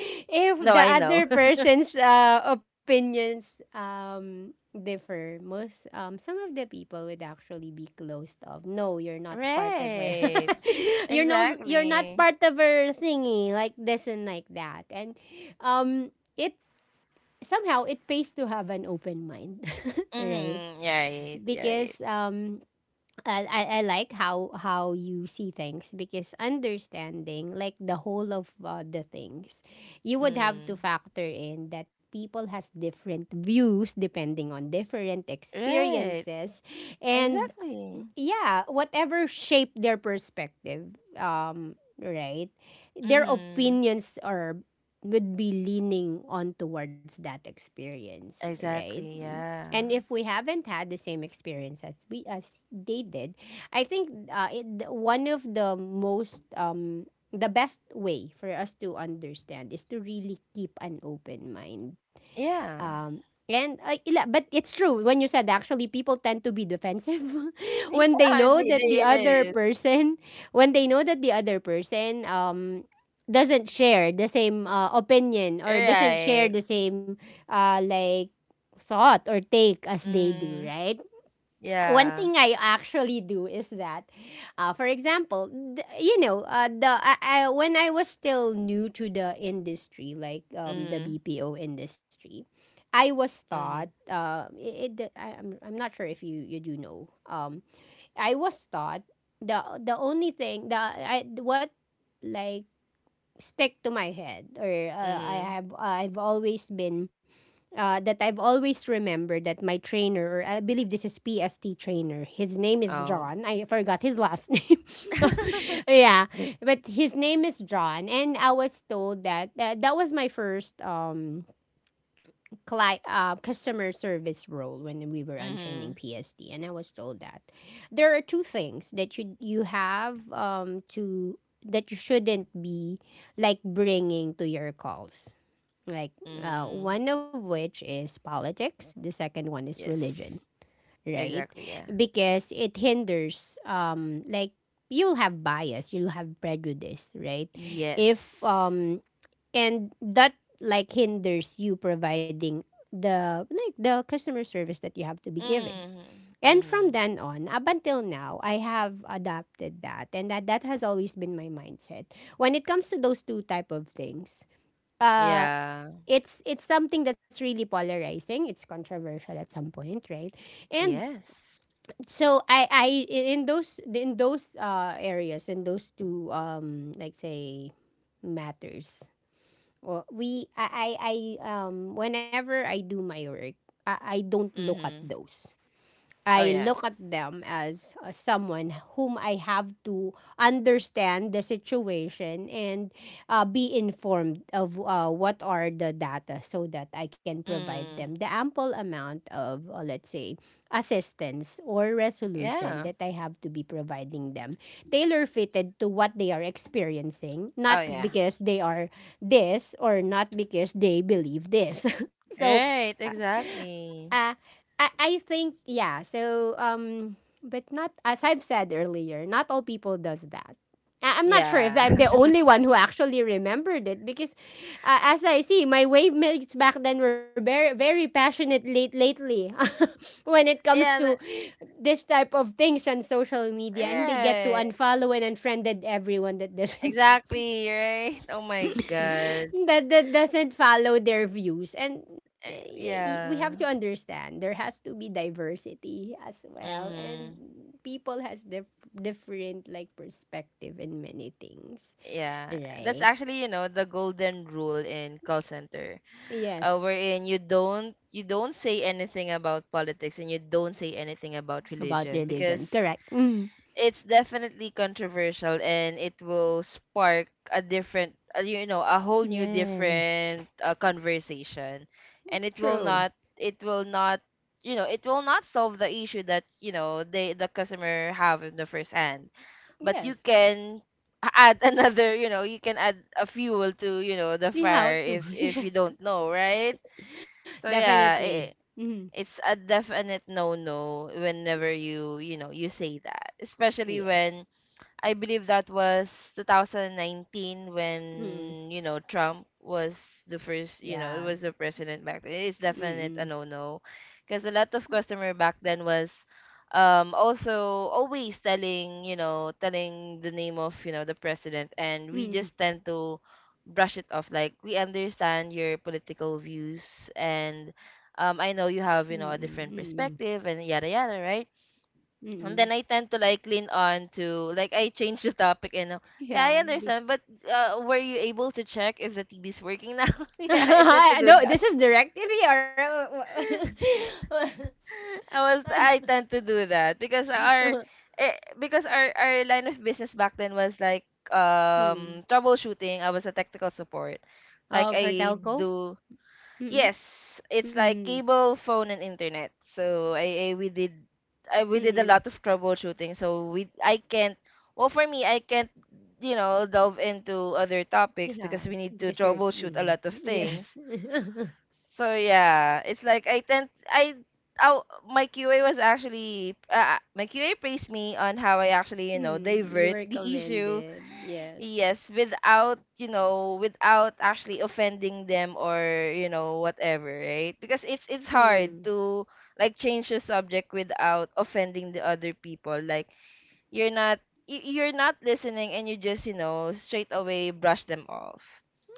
A: <laughs> if
B: No
A: the
B: I know.
A: other person's opinions differ, most some of the people would actually be closed off. No, you're
B: <laughs>
A: not part of our
B: Right.
A: <laughs> you're no you're not
B: Exactly.
A: part of our thingy, like this and like that. And it somehow it pays to have an open mind, <laughs> right?
B: Mm-hmm. Yeah, right, yeah, right.
A: Because um, I like how you see things because understanding like the whole of the things, you would have to
B: Mm.
A: factor in that people has different views depending on different
B: Right.
A: experiences and
B: Exactly.
A: yeah, whatever shape their perspective, right? Their
B: Mm-hmm.
A: opinions are would be leaning on towards that experience, right?
B: Exactly,
A: And
B: yeah.
A: if we haven't had the same experience as we as they did, I think it, one of the most the best way for us to understand is to really keep an open mind
B: Yeah.
A: and like, ila- but it's true when you said actually people tend to be defensive <laughs> when
B: <laughs>
A: they
B: Yeah,
A: know that the other
B: it is.
A: person when they know that the other person doesn't share the same opinion or doesn't share
B: Right.
A: the same like thought or take as they do,
B: Mm,
A: right? One
B: yeah.
A: thing I actually do is that, for example, th- you know, when I was still new to the industry, like the
B: Mm,
A: BPO industry, I was taught.
B: mm,
A: It, it, I'm not sure if you you do know. I was taught the only thing the I what like stick to my head or I
B: mm.
A: have I've always been that I've always remembered that my trainer, or I believe this is PST trainer, his name is
B: Oh.
A: John. I forgot his last <laughs> name. <laughs>
B: <laughs>
A: Yeah, but his name is John, and I was told that that was my first cli- customer service role when we were on training
B: Mm,
A: PST, and I was told that there are two things that you have to that you shouldn't be like bringing to your calls like
B: mm.
A: one of which is politics, the second one is
B: Yes.
A: religion, right?
B: Exactly, yeah.
A: Because it hinders like you'll have bias, you'll have prejudice, right?
B: Yes.
A: If um, and that like hinders you providing the like the customer service that you have to be giving,
B: Mm,
A: and from
B: mm.
A: then on up until now I have adopted that, and that that has always been my mindset when it comes to those two type of things. uh
B: Yeah.
A: it's something that's really polarizing. It's controversial at some point, right? And
B: Yes.
A: so I in those areas in those two like say matters. Well, we I whenever I do my work, I don't look at
B: Mm-hmm.
A: those.
B: Oh
A: I
B: yeah.
A: look at them as someone whom I have to understand the situation and be informed of what are the data so that I can provide them
B: Mm.
A: the ample amount of, let's say, assistance or resolution
B: Yeah.
A: that I have to be providing them tailor fitted to what they are experiencing, not
B: Oh yeah.
A: because they are this or not because they believe this. <laughs> So
B: Right, exactly.
A: uh, I think yeah. So but not as I've said earlier, not all people does that. I- I'm not sure if
B: Yeah.
A: I'm the
B: <laughs>
A: only one who actually remembered it because, as I see, my wave mates back then were very passionate late lately <laughs> when it comes to
B: Yeah, the-
A: this type of things on social media, and they get to
B: right.
A: unfollow and unfriended everyone that doesn't
B: Exactly, right? Oh my <laughs> god.
A: that doesn't follow their views and
B: Eh,
A: eh, we have to
B: yeah.
A: understand there has to be diversity as well, and
B: Mhm.
A: people has dif- different like perspective in many things,
B: Yeah. That's
A: right?
B: actually, you know, the golden rule in call center.
A: Yes.
B: Wherein you don't say anything about politics, and you don't say anything about
A: About
B: religion because
A: religion, correct. Mm.
B: it's definitely controversial, and it will spark a different, you know, a whole new
A: Yes.
B: different conversation, and
A: True.
B: it will not you know, it will not solve the issue that, you know, they, the customer have in the first hand. But you
A: Yes.
B: can add <laughs> another, you know, you can add a fuel to, you know, the
A: We
B: fire
A: have to <laughs>
B: if you
A: yes,
B: don't know, right? So yeah,
A: definitely.
B: it,
A: Mm.
B: it's a definite no no whenever you, you know, you say that, especially
A: Yes.
B: when I believe that was 2019
A: Mm.
B: when, you know, Trump was the first, you know, it
A: Yeah.
B: was the president back then. It's definite a no-no. Because a lot of customer back then was also always telling, you know, telling the name of, you know, the president. And we
A: Mm-mm.
B: just tend to brush it off. Like, we understand your political views, and I know you
A: Mm-mm.
B: have, you know, a different perspective and yada yada, right?
A: Mm-mm.
B: And then I tend to like lean on to, like I change the topic and yeah, I
A: Yeah,
B: understand. But were you able to check if the TV is working now? <laughs>
A: <laughs>
B: Yeah, I tend to do
A: no,
B: that.
A: this is direct TV or
B: <laughs> I tend to do that because our,
A: <laughs>
B: because our line of business back then was like
A: Hmm.
B: troubleshooting. I was a technical support. Like
A: Of her
B: I
A: telco.
B: do,
A: Mm-mm.
B: yes, it's like
A: Mm.
B: cable, phone, and internet. So, I, we did a
A: Mm-mm.
B: lot of troubleshooting. So we, I can't, well for me I can't, you know, delve into other topics
A: Yeah,
B: because we need to
A: because you're
B: troubleshoot a
A: mm.
B: lot of things.
A: Yes. <laughs>
B: So yeah, it's like I tend I oh, my QA was actually, my QA praised me on how I actually, you know,
A: Mm. You
B: divert
A: were
B: the issue.
A: commended. Yes.
B: Yes, without, you know, without actually offending them or, you know, whatever, right? Because it's
A: Mm.
B: hard to like change the subject without offending the other people. Like you're not, you're not listening, and you just, you know, straight away brush them off.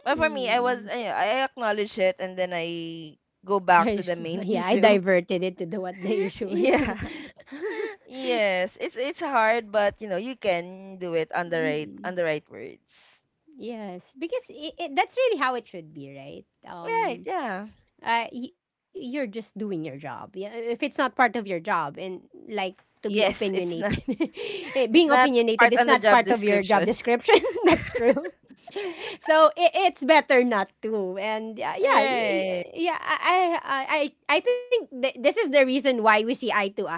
B: But for me,
A: Mm.
B: I acknowledge it, and then I go
A: I
B: back to
A: s-
B: the main <laughs>
A: yeah, I
B: issue.
A: diverted it to the what the
B: <laughs>
A: issue is.
B: Yeah.
A: <laughs>
B: Yes, it's hard, but you know, you can do it on the right,
A: Mm.
B: on the right words.
A: Yes, because I it, that's really how it should be, right?
B: Right, yeah.
A: Y- you're just doing your job. Yeah, if it's not part of your job and like to be
B: Yes,
A: opinionated,
B: it's not
A: <laughs> eh, being
B: <laughs> it's not
A: opinionated is
B: part on
A: not
B: the
A: part
B: job
A: of your job
B: description.
A: description. <laughs> That's true. <laughs> So I it's better not to. And yeah, yeah, y- y-
B: Right.
A: yeah, I think th- this is the reason why we see eye to eye. <laughs>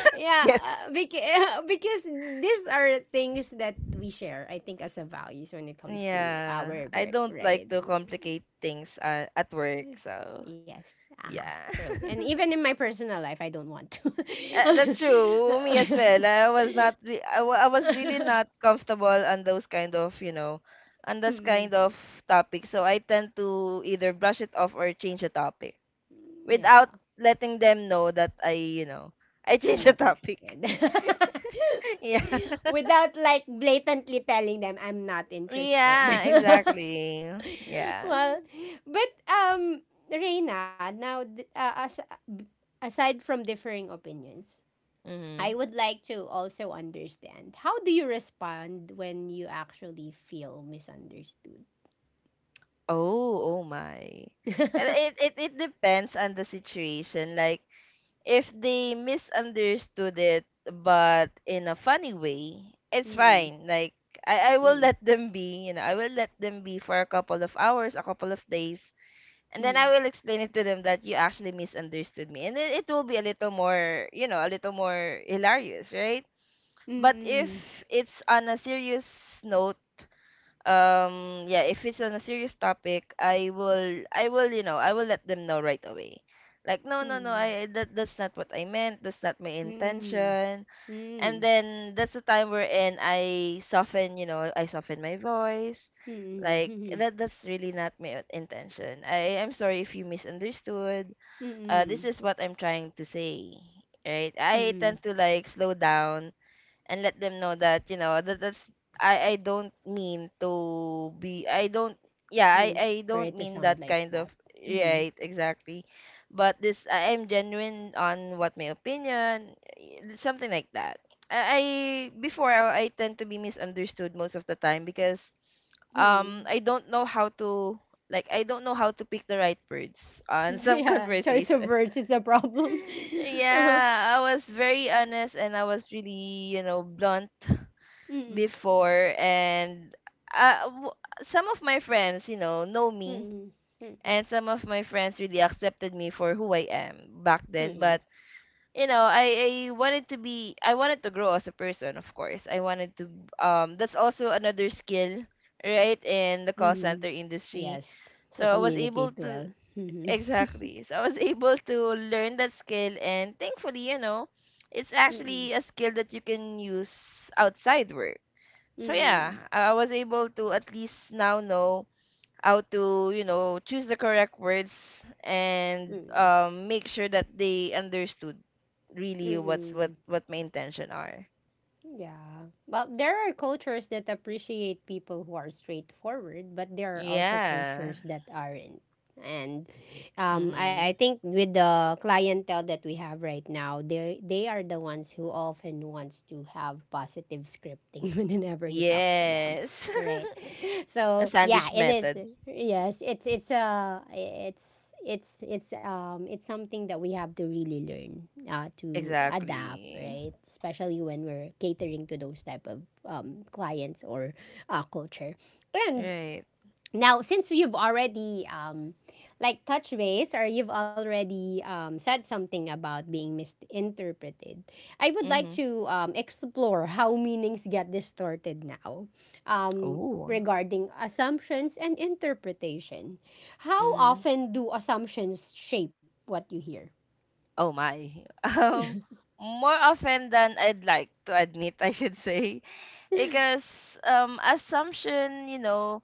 A: Yeah,
B: Yes.
A: beca- <laughs> because these are things that we share. I think as a values when it comes to our
B: Yeah.
A: work,
B: I don't like
A: right?
B: to complicate things at work, so
A: Yes. Uh-huh.
B: yeah.
A: True. And even in
B: <laughs>
A: my personal life, I don't want to. <laughs>
B: That's true. Me as well. I was really not comfortable on those kind of, you know, on those
A: Mm-mm.
B: kind of topics. So I tend to either brush it off or change the topic
A: Yeah.
B: without letting them know that I, you know, I <laughs>
A: I'm
B: changed the
A: not
B: topic.
A: interested.
B: <laughs> Yeah.
A: <laughs> Without like blatantly telling them I'm not interested.
B: Yeah,
A: <laughs>
B: exactly. Yeah.
A: Well, but Reina, now th- as- aside from differing opinions,
B: Mm-hmm.
A: I would like to also understand, how do you respond when you actually feel misunderstood?
B: Oh, oh my. And it,
A: <laughs>
B: it it depends on the situation. Like if they misunderstood it but in a funny way, it's
A: Mm,
B: fine. Like I will
A: mm,
B: let them be, you know, I will let them be for a couple of hours, a couple of days, and then I
A: mm,
B: will explain it to them that you actually misunderstood me. And it will be a little more, you know, a little more hilarious, right? But if
A: mm,
B: it's on a serious note, yeah, if it's on a serious topic, I will you know, I will let them know right away. Like, no, no, no,
A: mm,
B: that's not what I meant, that's not my
A: mm,
B: intention. And
A: mm,
B: then that's the time wherein I soften, you know, I soften my voice.
A: mm,
B: Like,
A: mhm,
B: that's really not my intention. I'm sorry if you misunderstood.
A: mm,
B: This is what I'm trying to say, right? I tend
A: mm.
B: to like slow down and let them know that, you know, that that's I don't mean to be, I don't, yeah,
A: I
B: I
A: mean,
B: I
A: for
B: don't
A: it to
B: mean
A: sound
B: that
A: like
B: kind
A: that.
B: of,
A: Mm,
B: right, exactly. But this, I am genuine on what my opinion, something like that. I Before, I tend to be misunderstood most of the time because
A: mm.
B: I don't know how to, like, I don't know how to pick the right words
A: <laughs>
B: on some <laughs>
A: Yeah, choice of
B: conversation.
A: words is the problem. <laughs>
B: <laughs>
A: Uh-huh.
B: Yeah, I was very honest and I was really, you know, blunt
A: Mm,
B: before. And uh, w- some of my friends, you know
A: mm,
B: me,
A: mm, mm, mm,
B: and some of my friends really accepted me for who I am back then.
A: mm,
B: But you know, I wanted to be, I wanted to grow as a person. Of course I wanted to, that's also another skill, right, in the call
A: mm.
B: center industry.
A: Yes, to
B: So I was able
A: communicate
B: to,
A: well. <laughs> Mm-hmm.
B: exactly, so I was <laughs> able to learn that skill. And thankfully, you know, it's actually a skill that you can use outside work. So
A: Mm-mm.
B: yeah, I was able to at least now know how to, you know, choose the correct words and
A: Mm-mm.
B: make sure that they understood really
A: Mm-mm.
B: what my intention are.
A: Yeah. Well, there are cultures that appreciate people who are straightforward, but there are also cultures
B: Yeah.
A: that aren't. And I
B: Mm-hmm.
A: think with the clientele that we have right now, they are the ones who often wants to have positive scripting <laughs> whenever you talk to them,
B: Yes.
A: right? <laughs>
B: <laughs>
A: so
B: A
A: yeah
B: sandwich
A: it is
B: method.
A: yes it's something that we have to really learn to adapt,
B: Exactly.
A: right? Especially when we're catering to those type of clients or culture. And
B: Right.
A: now, since you've already like touch base, or you've already said something about being misinterpreted, I would like
B: Mm-hmm.
A: to explore how meanings get distorted now, um,
B: Oh.
A: regarding assumptions and interpretation. How often do assumptions shape what you hear?
B: Oh my. <laughs> Um, More often than I'd like to admit, <laughs> I should say, because assumption, you know,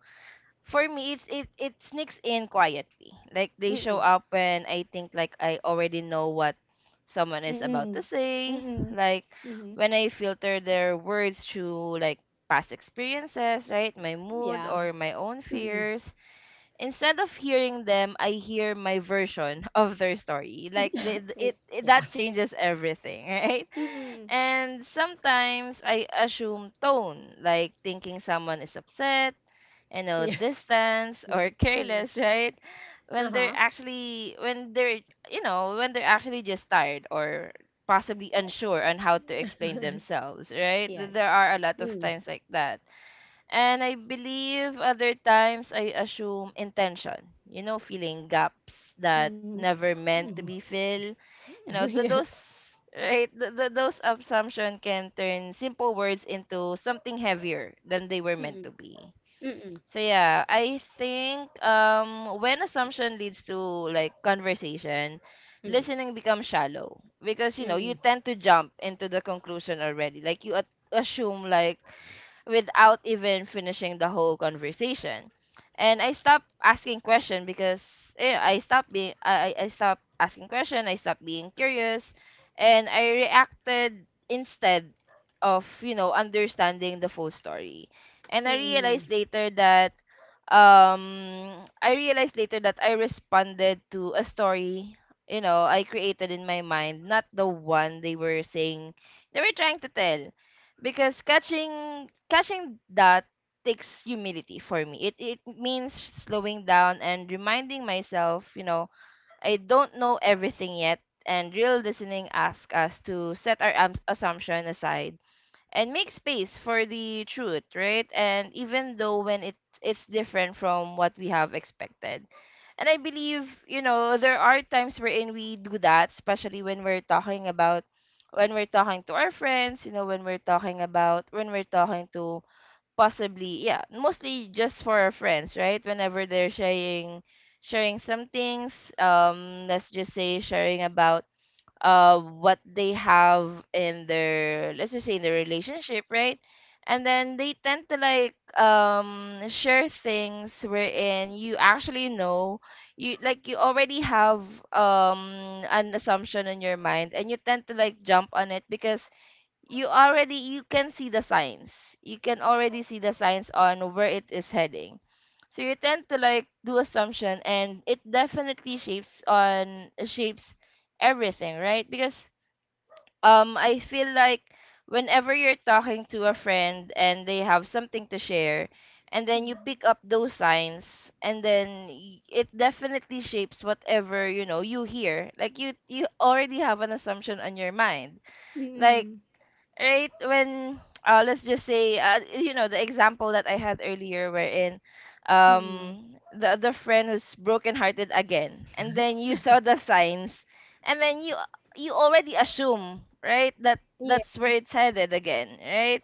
B: for me, it sneaks in quietly. Like, they show
A: Mm-mm.
B: up when I think, like, I already know what someone is about
A: Mm-mm.
B: to say.
A: Mm-mm.
B: Like,
A: Mm-hmm.
B: when I filter their words through, like, past experiences, right? My mood
A: Yeah.
B: or my own
A: Mm-mm.
B: fears, instead of hearing them, I hear my version <laughs> of their story. Like
A: <laughs>
B: it,
A: Yeah.
B: that changes everything, <laughs> right?
A: Mm-mm.
B: And sometimes I assume tone, like thinking someone is upset, you know,
A: Yes.
B: distance or
A: <laughs>
B: careless, <laughs> right?
A: Uh huh.
B: When they're, you know, when they're actually just tired or possibly unsure on how to explain
A: <laughs>
B: themselves, right?
A: Yes.
B: There are a lot of
A: Mm.
B: times like that. And I believe other times I assume intention, you know, feeling gaps that
A: Mhm.
B: never meant to
A: Mhm.
B: be filled. You
A: <laughs>
B: know, those,
A: Yes.
B: right, those assumption can turn simple words into something heavier than they were meant to
A: Mm.
B: be.
A: Mm.
B: So yeah, I think when assumption leads to, like, conversation,
A: Mm.
B: listening becomes shallow because, you know, you
A: Mm.
B: tend to jump into the conclusion already. Like you assume, like, without even finishing the whole conversation. And I stopped asking question because I stopped asking question, I stopped being curious, and I reacted instead of, you know, understanding the full story. And I realized
A: Mm.
B: later that I responded to a story, you know, I created in my mind, not the one they were saying, they were trying to tell. Because catching that takes humility for me. It means slowing down and reminding myself, you know, I don't know everything yet, and real listening asks us to set our assumption aside and make space for the truth, right? And even though when it's different from what we have expected. And I believe, you know, there are times wherein we do that, especially when we're talking about, when we're talking to our friends, you know, when we're talking about, when we're talking to, possibly, yeah, mostly just for our friends, right? Whenever they're sharing some things, let's just say sharing about what they have in their, let's just say in their relationship, right? And then they tend to like share things wherein you actually know, you, like, you already have an assumption in your mind and you tend to like jump on it because you already, you can see the signs, you can already see the signs on where it is heading. So you tend to like do assumption and it definitely shapes everything, right? Because I feel like whenever you're talking to a friend and they have something to share, and then you pick up those signs, and then it definitely shapes whatever, you know, you hear. Like, you already have an assumption on your mind. Like,
A: Mm.
B: right, when let's just say, you know, the example that I had earlier wherein
A: Mm.
B: the friend who's brokenhearted again, and then you saw the signs, and then you already assume, right, that
A: Yeah.
B: that's where it's headed again, right?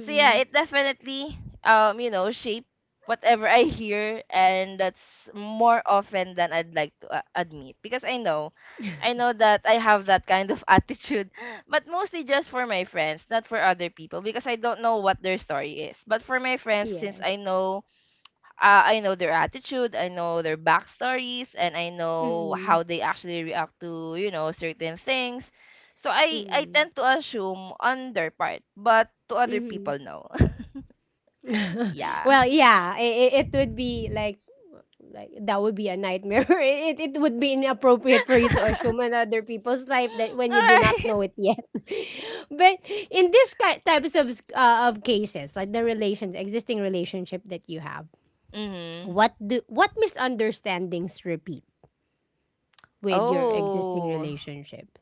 B: So yeah, it definitely you know shape whatever I hear, and that's more often than I'd like to admit because I know that I have that kind of <laughs> attitude, but mostly just for my friends, not for other people because I don't know what their story is. But for my friends, since I
A: Yes.
B: know. I know their attitude, I know their backstories, and I know
A: Mm.
B: how they actually react to, you know, certain things. So I
A: Mm.
B: tend to assume on their part, but to other
A: Mhm.
B: people, no.
A: <laughs>
B: Yeah.
A: Well, yeah, it would be like that would be a nightmare. <laughs> It would be inappropriate for you to assume
B: <laughs>
A: another people's life that when you do not
B: Alright.
A: know it yet. <laughs> But in this types of of cases, like the relations, existing relationship that you have,
B: Mhm.
A: what misunderstandings repeat with your existing
B: Oh.
A: relationship?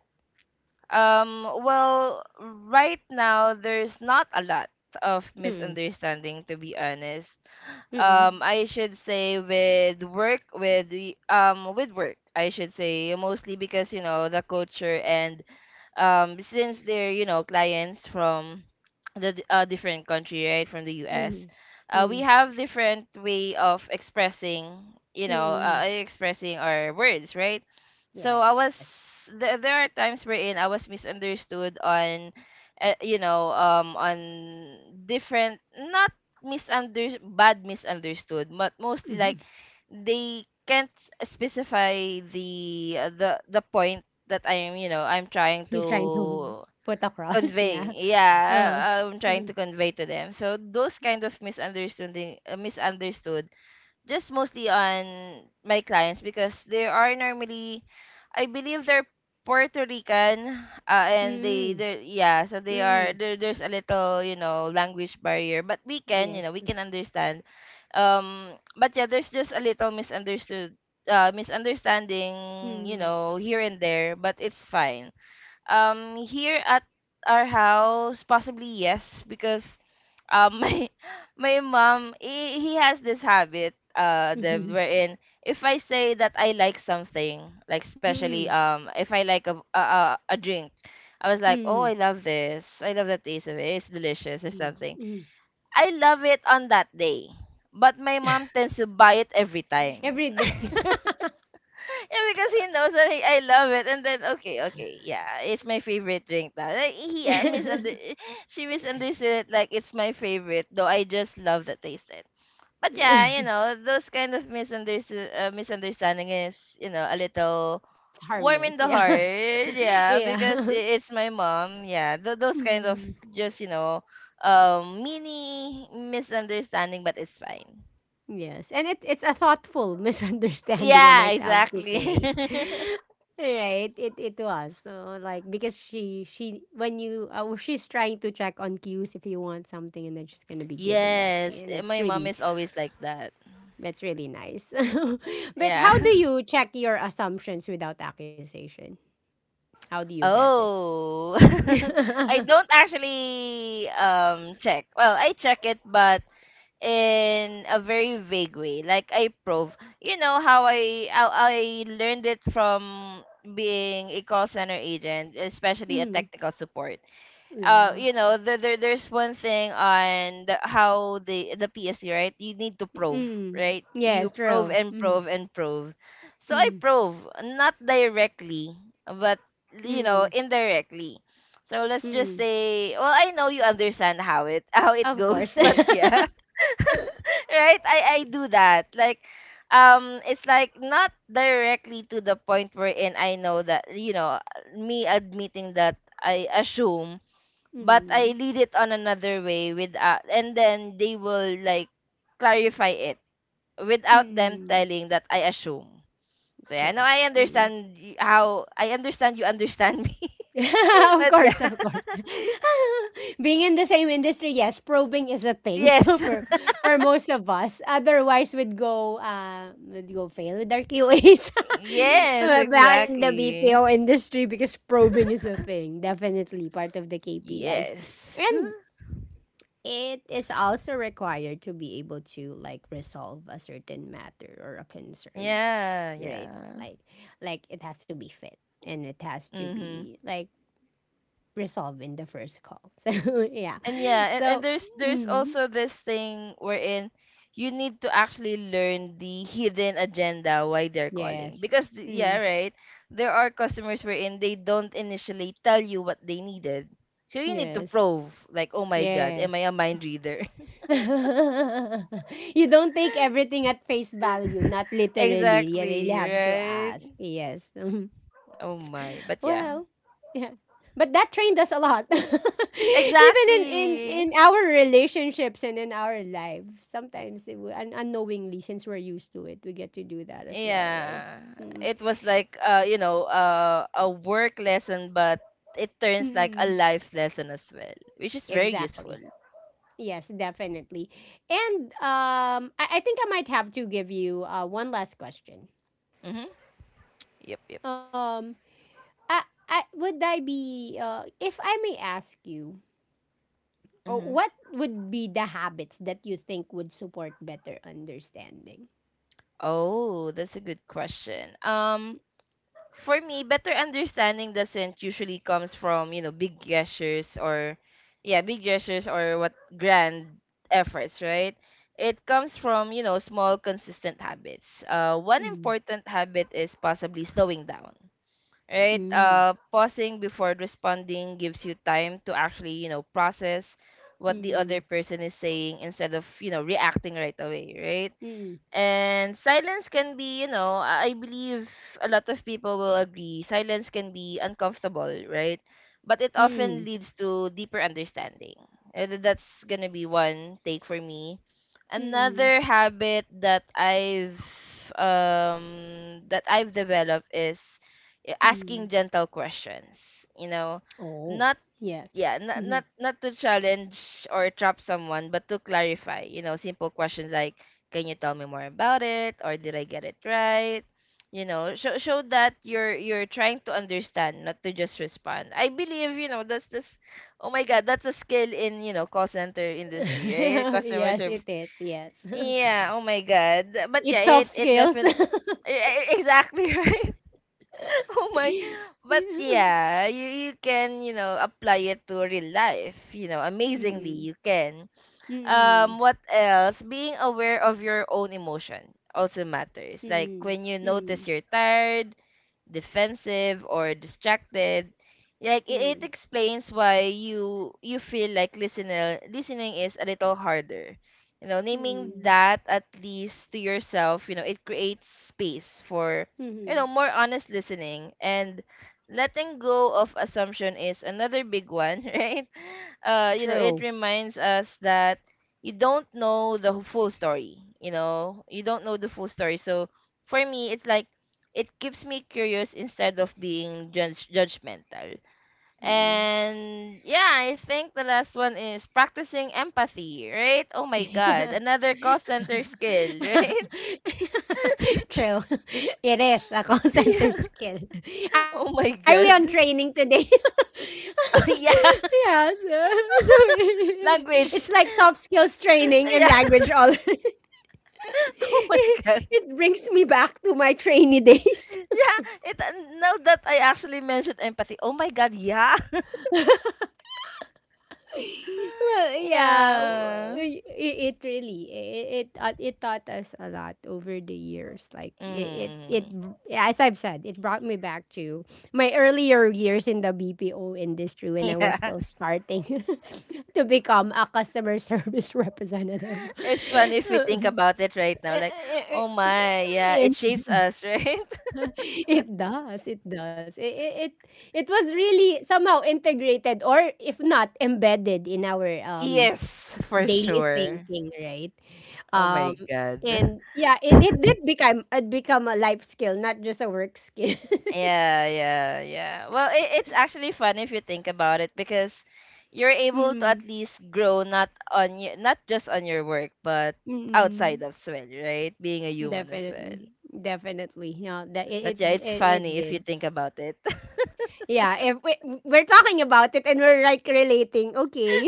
B: Um, well, right now there's not a lot of
A: Mm.
B: misunderstanding, to be honest.
A: Mm.
B: Um, I should say with work, with work, I should say, mostly because, you know, the culture, and since they're, you know, clients from different country, right, from the US.
A: Mm. Mm.
B: Uh, we
A: Mm.
B: have different way of expressing, you know,
A: Mm.
B: expressing our words, right? So I
A: Yes. <laughs>
B: was, there are times wherein I was misunderstood on you know, on different, not misunder bad misunderstood, but mostly, like,
A: Mhm.
B: they can't specify the the point that I am, you know, I'm trying
A: You're trying to
B: to
A: put across, <laughs>
B: convey.
A: yeah.
B: Yeah,
A: Uh-huh.
B: I'm trying to
A: Mhm.
B: convey to them. So those kind of misunderstanding misunderstood just mostly on my clients because they are normally, I believe they're Puerto Rican. And
A: Mm,
B: they, yeah, so they
A: mm,
B: are, there, there's a little, you know, language barrier, but we can,
A: yes,
B: you know, we can understand. Um, but yeah, there's just a little misunderstood misunderstanding, you
A: mm,
B: know, here and there, but it's fine. Um, here at our house, possibly yes, because um <laughs> my my mom, he has this habit, that
A: mhm,
B: wherein if I say that I like something, like
A: mm,
B: especially if I like a drink. I was like,
A: mm,
B: oh, I love this, I love the taste of it, it's delicious, or
A: mm,
B: something.
A: mm.
B: I love it on that day, but my mom tends to buy it every time.
A: Every day.
B: <laughs> Yeah, because he knows that I love it. And then, okay, okay, yeah, it's my favorite drink now. Like,
A: <laughs>
B: she misunderstood it like it's my favorite, though I just love the taste. But yeah, you
A: It's
B: know, those kind of misunderstood misunderstanding is, you know, a little
A: harmless.
B: warm in
A: Yeah.
B: the
A: <laughs>
B: heart. Yeah, because
A: Yeah. <laughs>
B: it's my mom. Yeah, those kind of
A: Hmm.
B: just, you know, mini misunderstanding, but it's fine.
A: Yes. And it's a thoughtful <laughs> misunderstanding, I
B: Yeah,
A: might have to
B: exactly.
A: say. <laughs> Right. It was. So like because she when you she's trying to check on cues if you want something, and then she's gonna
B: <laughs>
A: be giving that to
B: Yes,
A: you. And it's
B: my mom
A: really—
B: is always like that.
A: That's really nice. <laughs> But how do
B: Yeah. <laughs>
A: you check your assumptions without accusation? How do you vet it?
B: Oh, <laughs> I
A: <laughs>
B: don't actually check. Well, I check it, but in a very vague way. Like, I prove, you know, how I, how I learned it from being a call center agent, especially a
A: Mm,
B: technical support.
A: yeah.
B: You know, there there's one thing on the, how the PSC, right. You need to prove,
A: Mm,
B: right?
A: yes,
B: You prove
A: true.
B: and
A: Mm,
B: prove and prove. So I
A: mm,
B: prove not directly, but,
A: mm,
B: you know, indirectly. So let's
A: mm.
B: just say, well, I know you understand how it <laughs> how it
A: Of
B: goes,
A: course.
B: but yeah,
A: <laughs>
B: right, I do that. Like, it's like not directly to the point wherein I know that, you know, me admitting that I assume, but I
A: Mm,
B: lead it on another way with and then they will like clarify it without them
A: mm,
B: telling that I assume. So yeah, no,
A: correct.
B: I
A: Mm.
B: understand how I understand, you understand me.
A: <laughs>
B: <laughs>
A: Of
B: But
A: course,
B: yeah.
A: of course. <laughs> Being in the same industry, yes, probing is a
B: <laughs>
A: thing
B: Yes.
A: <laughs> for
B: <laughs>
A: for most of us. Otherwise, we'd go fail with our QAs. <laughs>
B: Yes,
A: Back in the
B: exactly.
A: BPO industry, because probing is a thing, definitely part of the KPIs,
B: Yes.
A: and it is also required to be able to like resolve a certain matter or a
B: <laughs>
A: concern,
B: Yeah,
A: right?
B: yeah.
A: Like it has to be fit and it has to
B: Mm-hmm.
A: be like resolve in the first call. <laughs> So yeah.
B: And yeah, and
A: So
B: there's
A: mm,
B: also this thing wherein you need to actually learn the hidden agenda why they're calling.
A: yes.
B: Because yeah,
A: Mm,
B: right. There are customers wherein they don't initially tell you what they needed. So you need to
A: yes.
B: prove. Like, "Oh my god,
A: Yes.
B: am I a mind reader?"
A: <laughs> You don't take everything at face value, not
B: <laughs>
A: literally. You really
B: Exactly,
A: have to
B: right?
A: ask. Yes. Mhm.
B: Oh
A: Well,
B: my. But yeah.
A: yeah. But that trained us a lot. <laughs> Even in our
B: Exactly.
A: relationships and in our life, sometimes it, unknowingly, since we're used to it, we get to do that as well, right?
B: Yeah, it was like you know, a work lesson, but it turns like
A: Mm-mm.
B: a life lesson as well, which is very
A: Exactly.
B: useful.
A: Yes, definitely. And I think I might have to give you one last question.
B: Mm-hmm. Yep, yep.
A: Um, I, I would I be if I may ask you,
B: Mm-hmm.
A: what would be the habits that you think would support better understanding?
B: Oh, that's a good question. For me, better understanding doesn't usually comes from, you know, big gestures or what grand efforts, right? It comes from, you know, small consistent habits. One
A: Mm.
B: important habit is possibly slowing down, right?
A: Mm.
B: Pausing before responding gives you time to actually, you know, process what the other
A: Mm.
B: person is saying instead of, you know, reacting right away, right.
A: Mm.
B: And silence can be, you know, I believe a lot of people will agree, silence can be uncomfortable, right? But it
A: Mm.
B: often leads to deeper understanding. That's gonna be one take for me.
A: Mm.
B: Another habit that I've developed is
A: Mm.
B: asking gentle questions. You know,
A: Oh,
B: not
A: yes.
B: yeah, not
A: Mhm.
B: not not to challenge or trap someone, but to clarify, you know, simple questions like, "Can you tell me more about it?" or "Did I get it right?" You know, show that you're trying to understand, not to just respond. I believe, you know, that's this. Oh my God, that's a skill in, you know, call center
A: <laughs>
B: industry, right? Customer
A: Yes, it
B: service.
A: is. Yes,
B: Yeah. Oh my God.
A: <laughs>
B: But yeah,
A: it's
B: it
A: soft
B: it
A: skills.
B: definitely, <laughs> exactly, <laughs> right. <laughs> Oh my. But
A: <laughs> <laughs>
B: yeah, you can, you know, apply it to real life, you know, amazingly
A: Mm,
B: you can.
A: mm, mm,
B: What else? Being aware of your own emotion also matters. Like
A: mm,
B: when you notice you're tired, defensive, or distracted, like it
A: mm,
B: explains why you feel like listening is a little harder. You know, naming
A: mm,
B: that at least to yourself, you know, it creates space for, you know,
A: mhm.
B: more honest listening, and letting go of assumption is another big one, <laughs> right? You know, it
A: True.
B: reminds us that you don't know the full story. You know, you don't know the full story. So for me it's like it keeps me curious instead of being judgmental.
A: Mm.
B: And yeah, I think the last one is practicing empathy, right? Oh my God,
A: <laughs>
B: another call center
A: <laughs>
B: skill, right?
A: True. <laughs> It is a call
B: <laughs>
A: center
B: yeah.
A: skill. <laughs> Are we
B: Oh
A: on
B: my
A: training
B: God.
A: today?
B: <laughs> oh yeah.
A: <laughs> Yeah, so <laughs>
B: <laughs>
A: it's like
B: language.
A: soft skills training and
B: <laughs> yeah.
A: language all. <laughs>
B: <laughs> oh my God,
A: It brings me back to my trainee days.
B: yeah. It now that I actually mentioned empathy, oh my God. Yeah.
A: <laughs> Well,
B: <laughs>
A: yeah,
B: yeah.
A: it really it taught us a lot over the years. Like
B: Mm. <laughs>
A: as I've said, it brought me back to my earlier years in the BPO industry when I was
B: Yeah.
A: still starting <laughs> to become a customer service <laughs> representative.
B: It's funny if we think
A: Um,
B: about it right now.
A: eh,
B: Like,
A: eh,
B: oh
A: eh, eh,
B: my, yeah, it
A: yeah.
B: shapes us, right? <laughs>
A: <laughs> It it it was really somehow integrated, or if not embedded, in our
B: Yes, for
A: daily
B: sure.
A: thinking, right?
B: Oh
A: Um,
B: my God.
A: and yeah, it become a life skill, not just a work skill.
B: Yeah, yeah, yeah. Well, it's actually fun if you think about it because you're
A: <laughs>
B: able to at
A: Mm-mm,
B: least grow not just on your work, but outside
A: mm-mm.
B: as well, right? Being a human as well.
A: Definitely, definitely. Yeah, that
B: But yeah, it's
A: it
B: funny if you
A: did.
B: think about it.
A: Yeah, if we, we're talking about it and we're like relating, okay,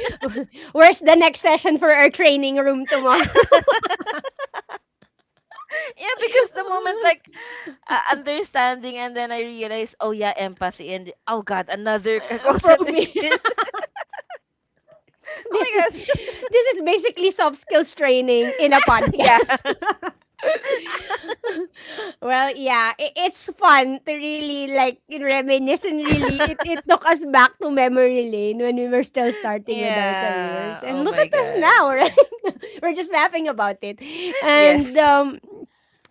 A: <laughs> where's the next session for our training room tomorrow?
B: <laughs> yeah, because the moment like
A: <laughs>
B: understanding, and then I realized, oh yeah, empathy and oh God, another <laughs> call center
A: Probing.
B: skill. <laughs>
A: <laughs> this
B: Oh
A: is
B: my God.
A: this is basically soft skills training in a
B: <laughs> yeah.
A: podcast. <laughs> Well, yeah, it's fun to really like reminisce, and really it,
B: <laughs>
A: it took us back to memory lane when we were still starting with our careers.
B: yeah.
A: And
B: Oh
A: look at
B: my
A: us now,
B: God.
A: <laughs> right? We're just laughing about it.
B: <laughs>
A: And
B: Yes.
A: um—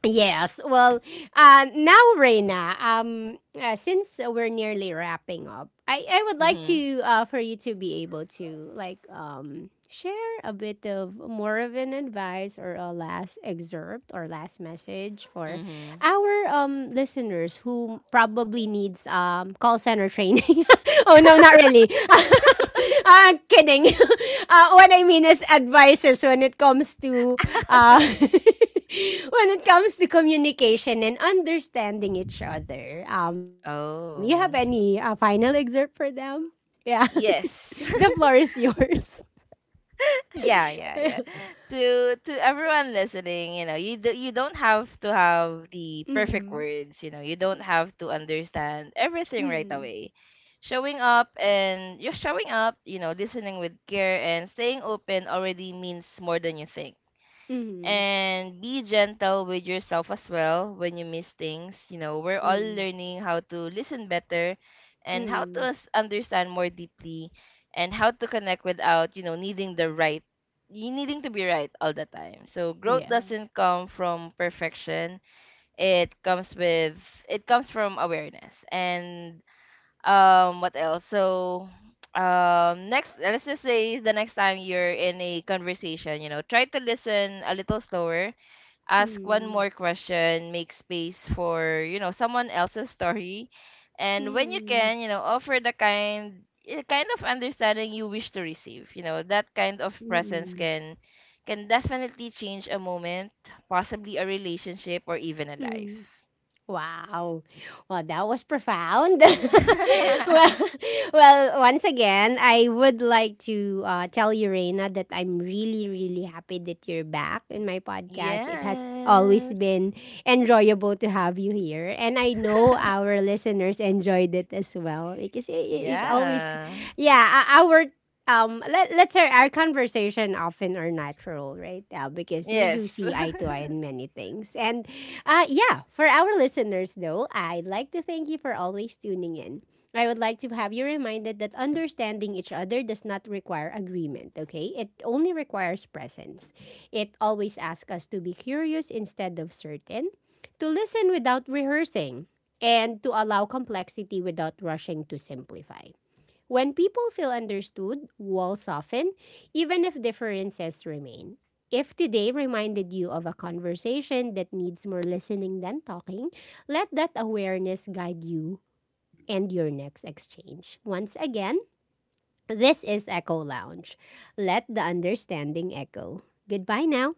A: Yes. Well, now, Reina, since we're nearly wrapping up, I would like
B: Mhm.
A: to for you to be able to like share a bit of more of an advice or a last excerpt or last message for
B: Mhm.
A: our listeners who probably needs call center training. <laughs> Oh no, not really. <laughs> Uh, kidding. <laughs> What I mean is advisors when it comes to uh, <laughs> when it comes to communication and understanding each other. You have any
B: Oh.
A: final excerpt for them? Yeah, <laughs> the
B: Yes.
A: floor is yours.
B: Yeah, yeah, yeah. To everyone listening, you know, you don't have to have the perfect
A: Mm-mm.
B: words, you know. You don't have to understand everything right
A: Mm-mm.
B: away. Showing up and you're showing up, you know, listening with care and staying open already means more than you think,
A: Mm-mm.
B: and be gentle with yourself as well when you miss things. You know, we're all
A: Mm-mm.
B: learning how to listen better and how to
A: Mm-mm.
B: understand more deeply and how to connect without, you know, needing to be right all the time. So growth
A: Yes.
B: doesn't come from perfection. It comes with it comes from awareness. And what else? So next let's just say the next time you're in a conversation, you know, try to listen a little slower, ask one
A: Mm-mm.
B: more question, make space for, you know, someone else's story. And when you
A: Mm-mm.
B: can, you know, offer the kind of understanding you wish to receive. You know, that kind of presence
A: Mm-mm.
B: can definitely change a moment, possibly a relationship, or even a life.
A: Mm-mm. Wow. Well, that was profound. <laughs> Well,
B: <laughs>
A: well, once again, I would like to tell you, Reina, that I'm really, really happy that you're back in my podcast. It has always
B: yes.
A: been enjoyable to have you here. And I know our listeners enjoyed it as well because it always,
B: Yeah.
A: yeah, our let's say our conversation often are natural, right? Because we
B: Yes.
A: do see eye
B: <laughs>
A: to eye in many things. And yeah, for our listeners though, I'd like to thank you for always tuning in. I would like to have you reminded that understanding each other does not require agreement, okay? It only requires presence. It always asks us to be curious instead of certain, to listen without rehearsing, and to allow complexity without rushing to simplify. When people feel understood, walls soften, even if differences remain. If today reminded you of a conversation that needs more listening than talking, let that awareness guide you and your next exchange. Once again, this is Echo Lounge. Let the understanding echo. Goodbye now.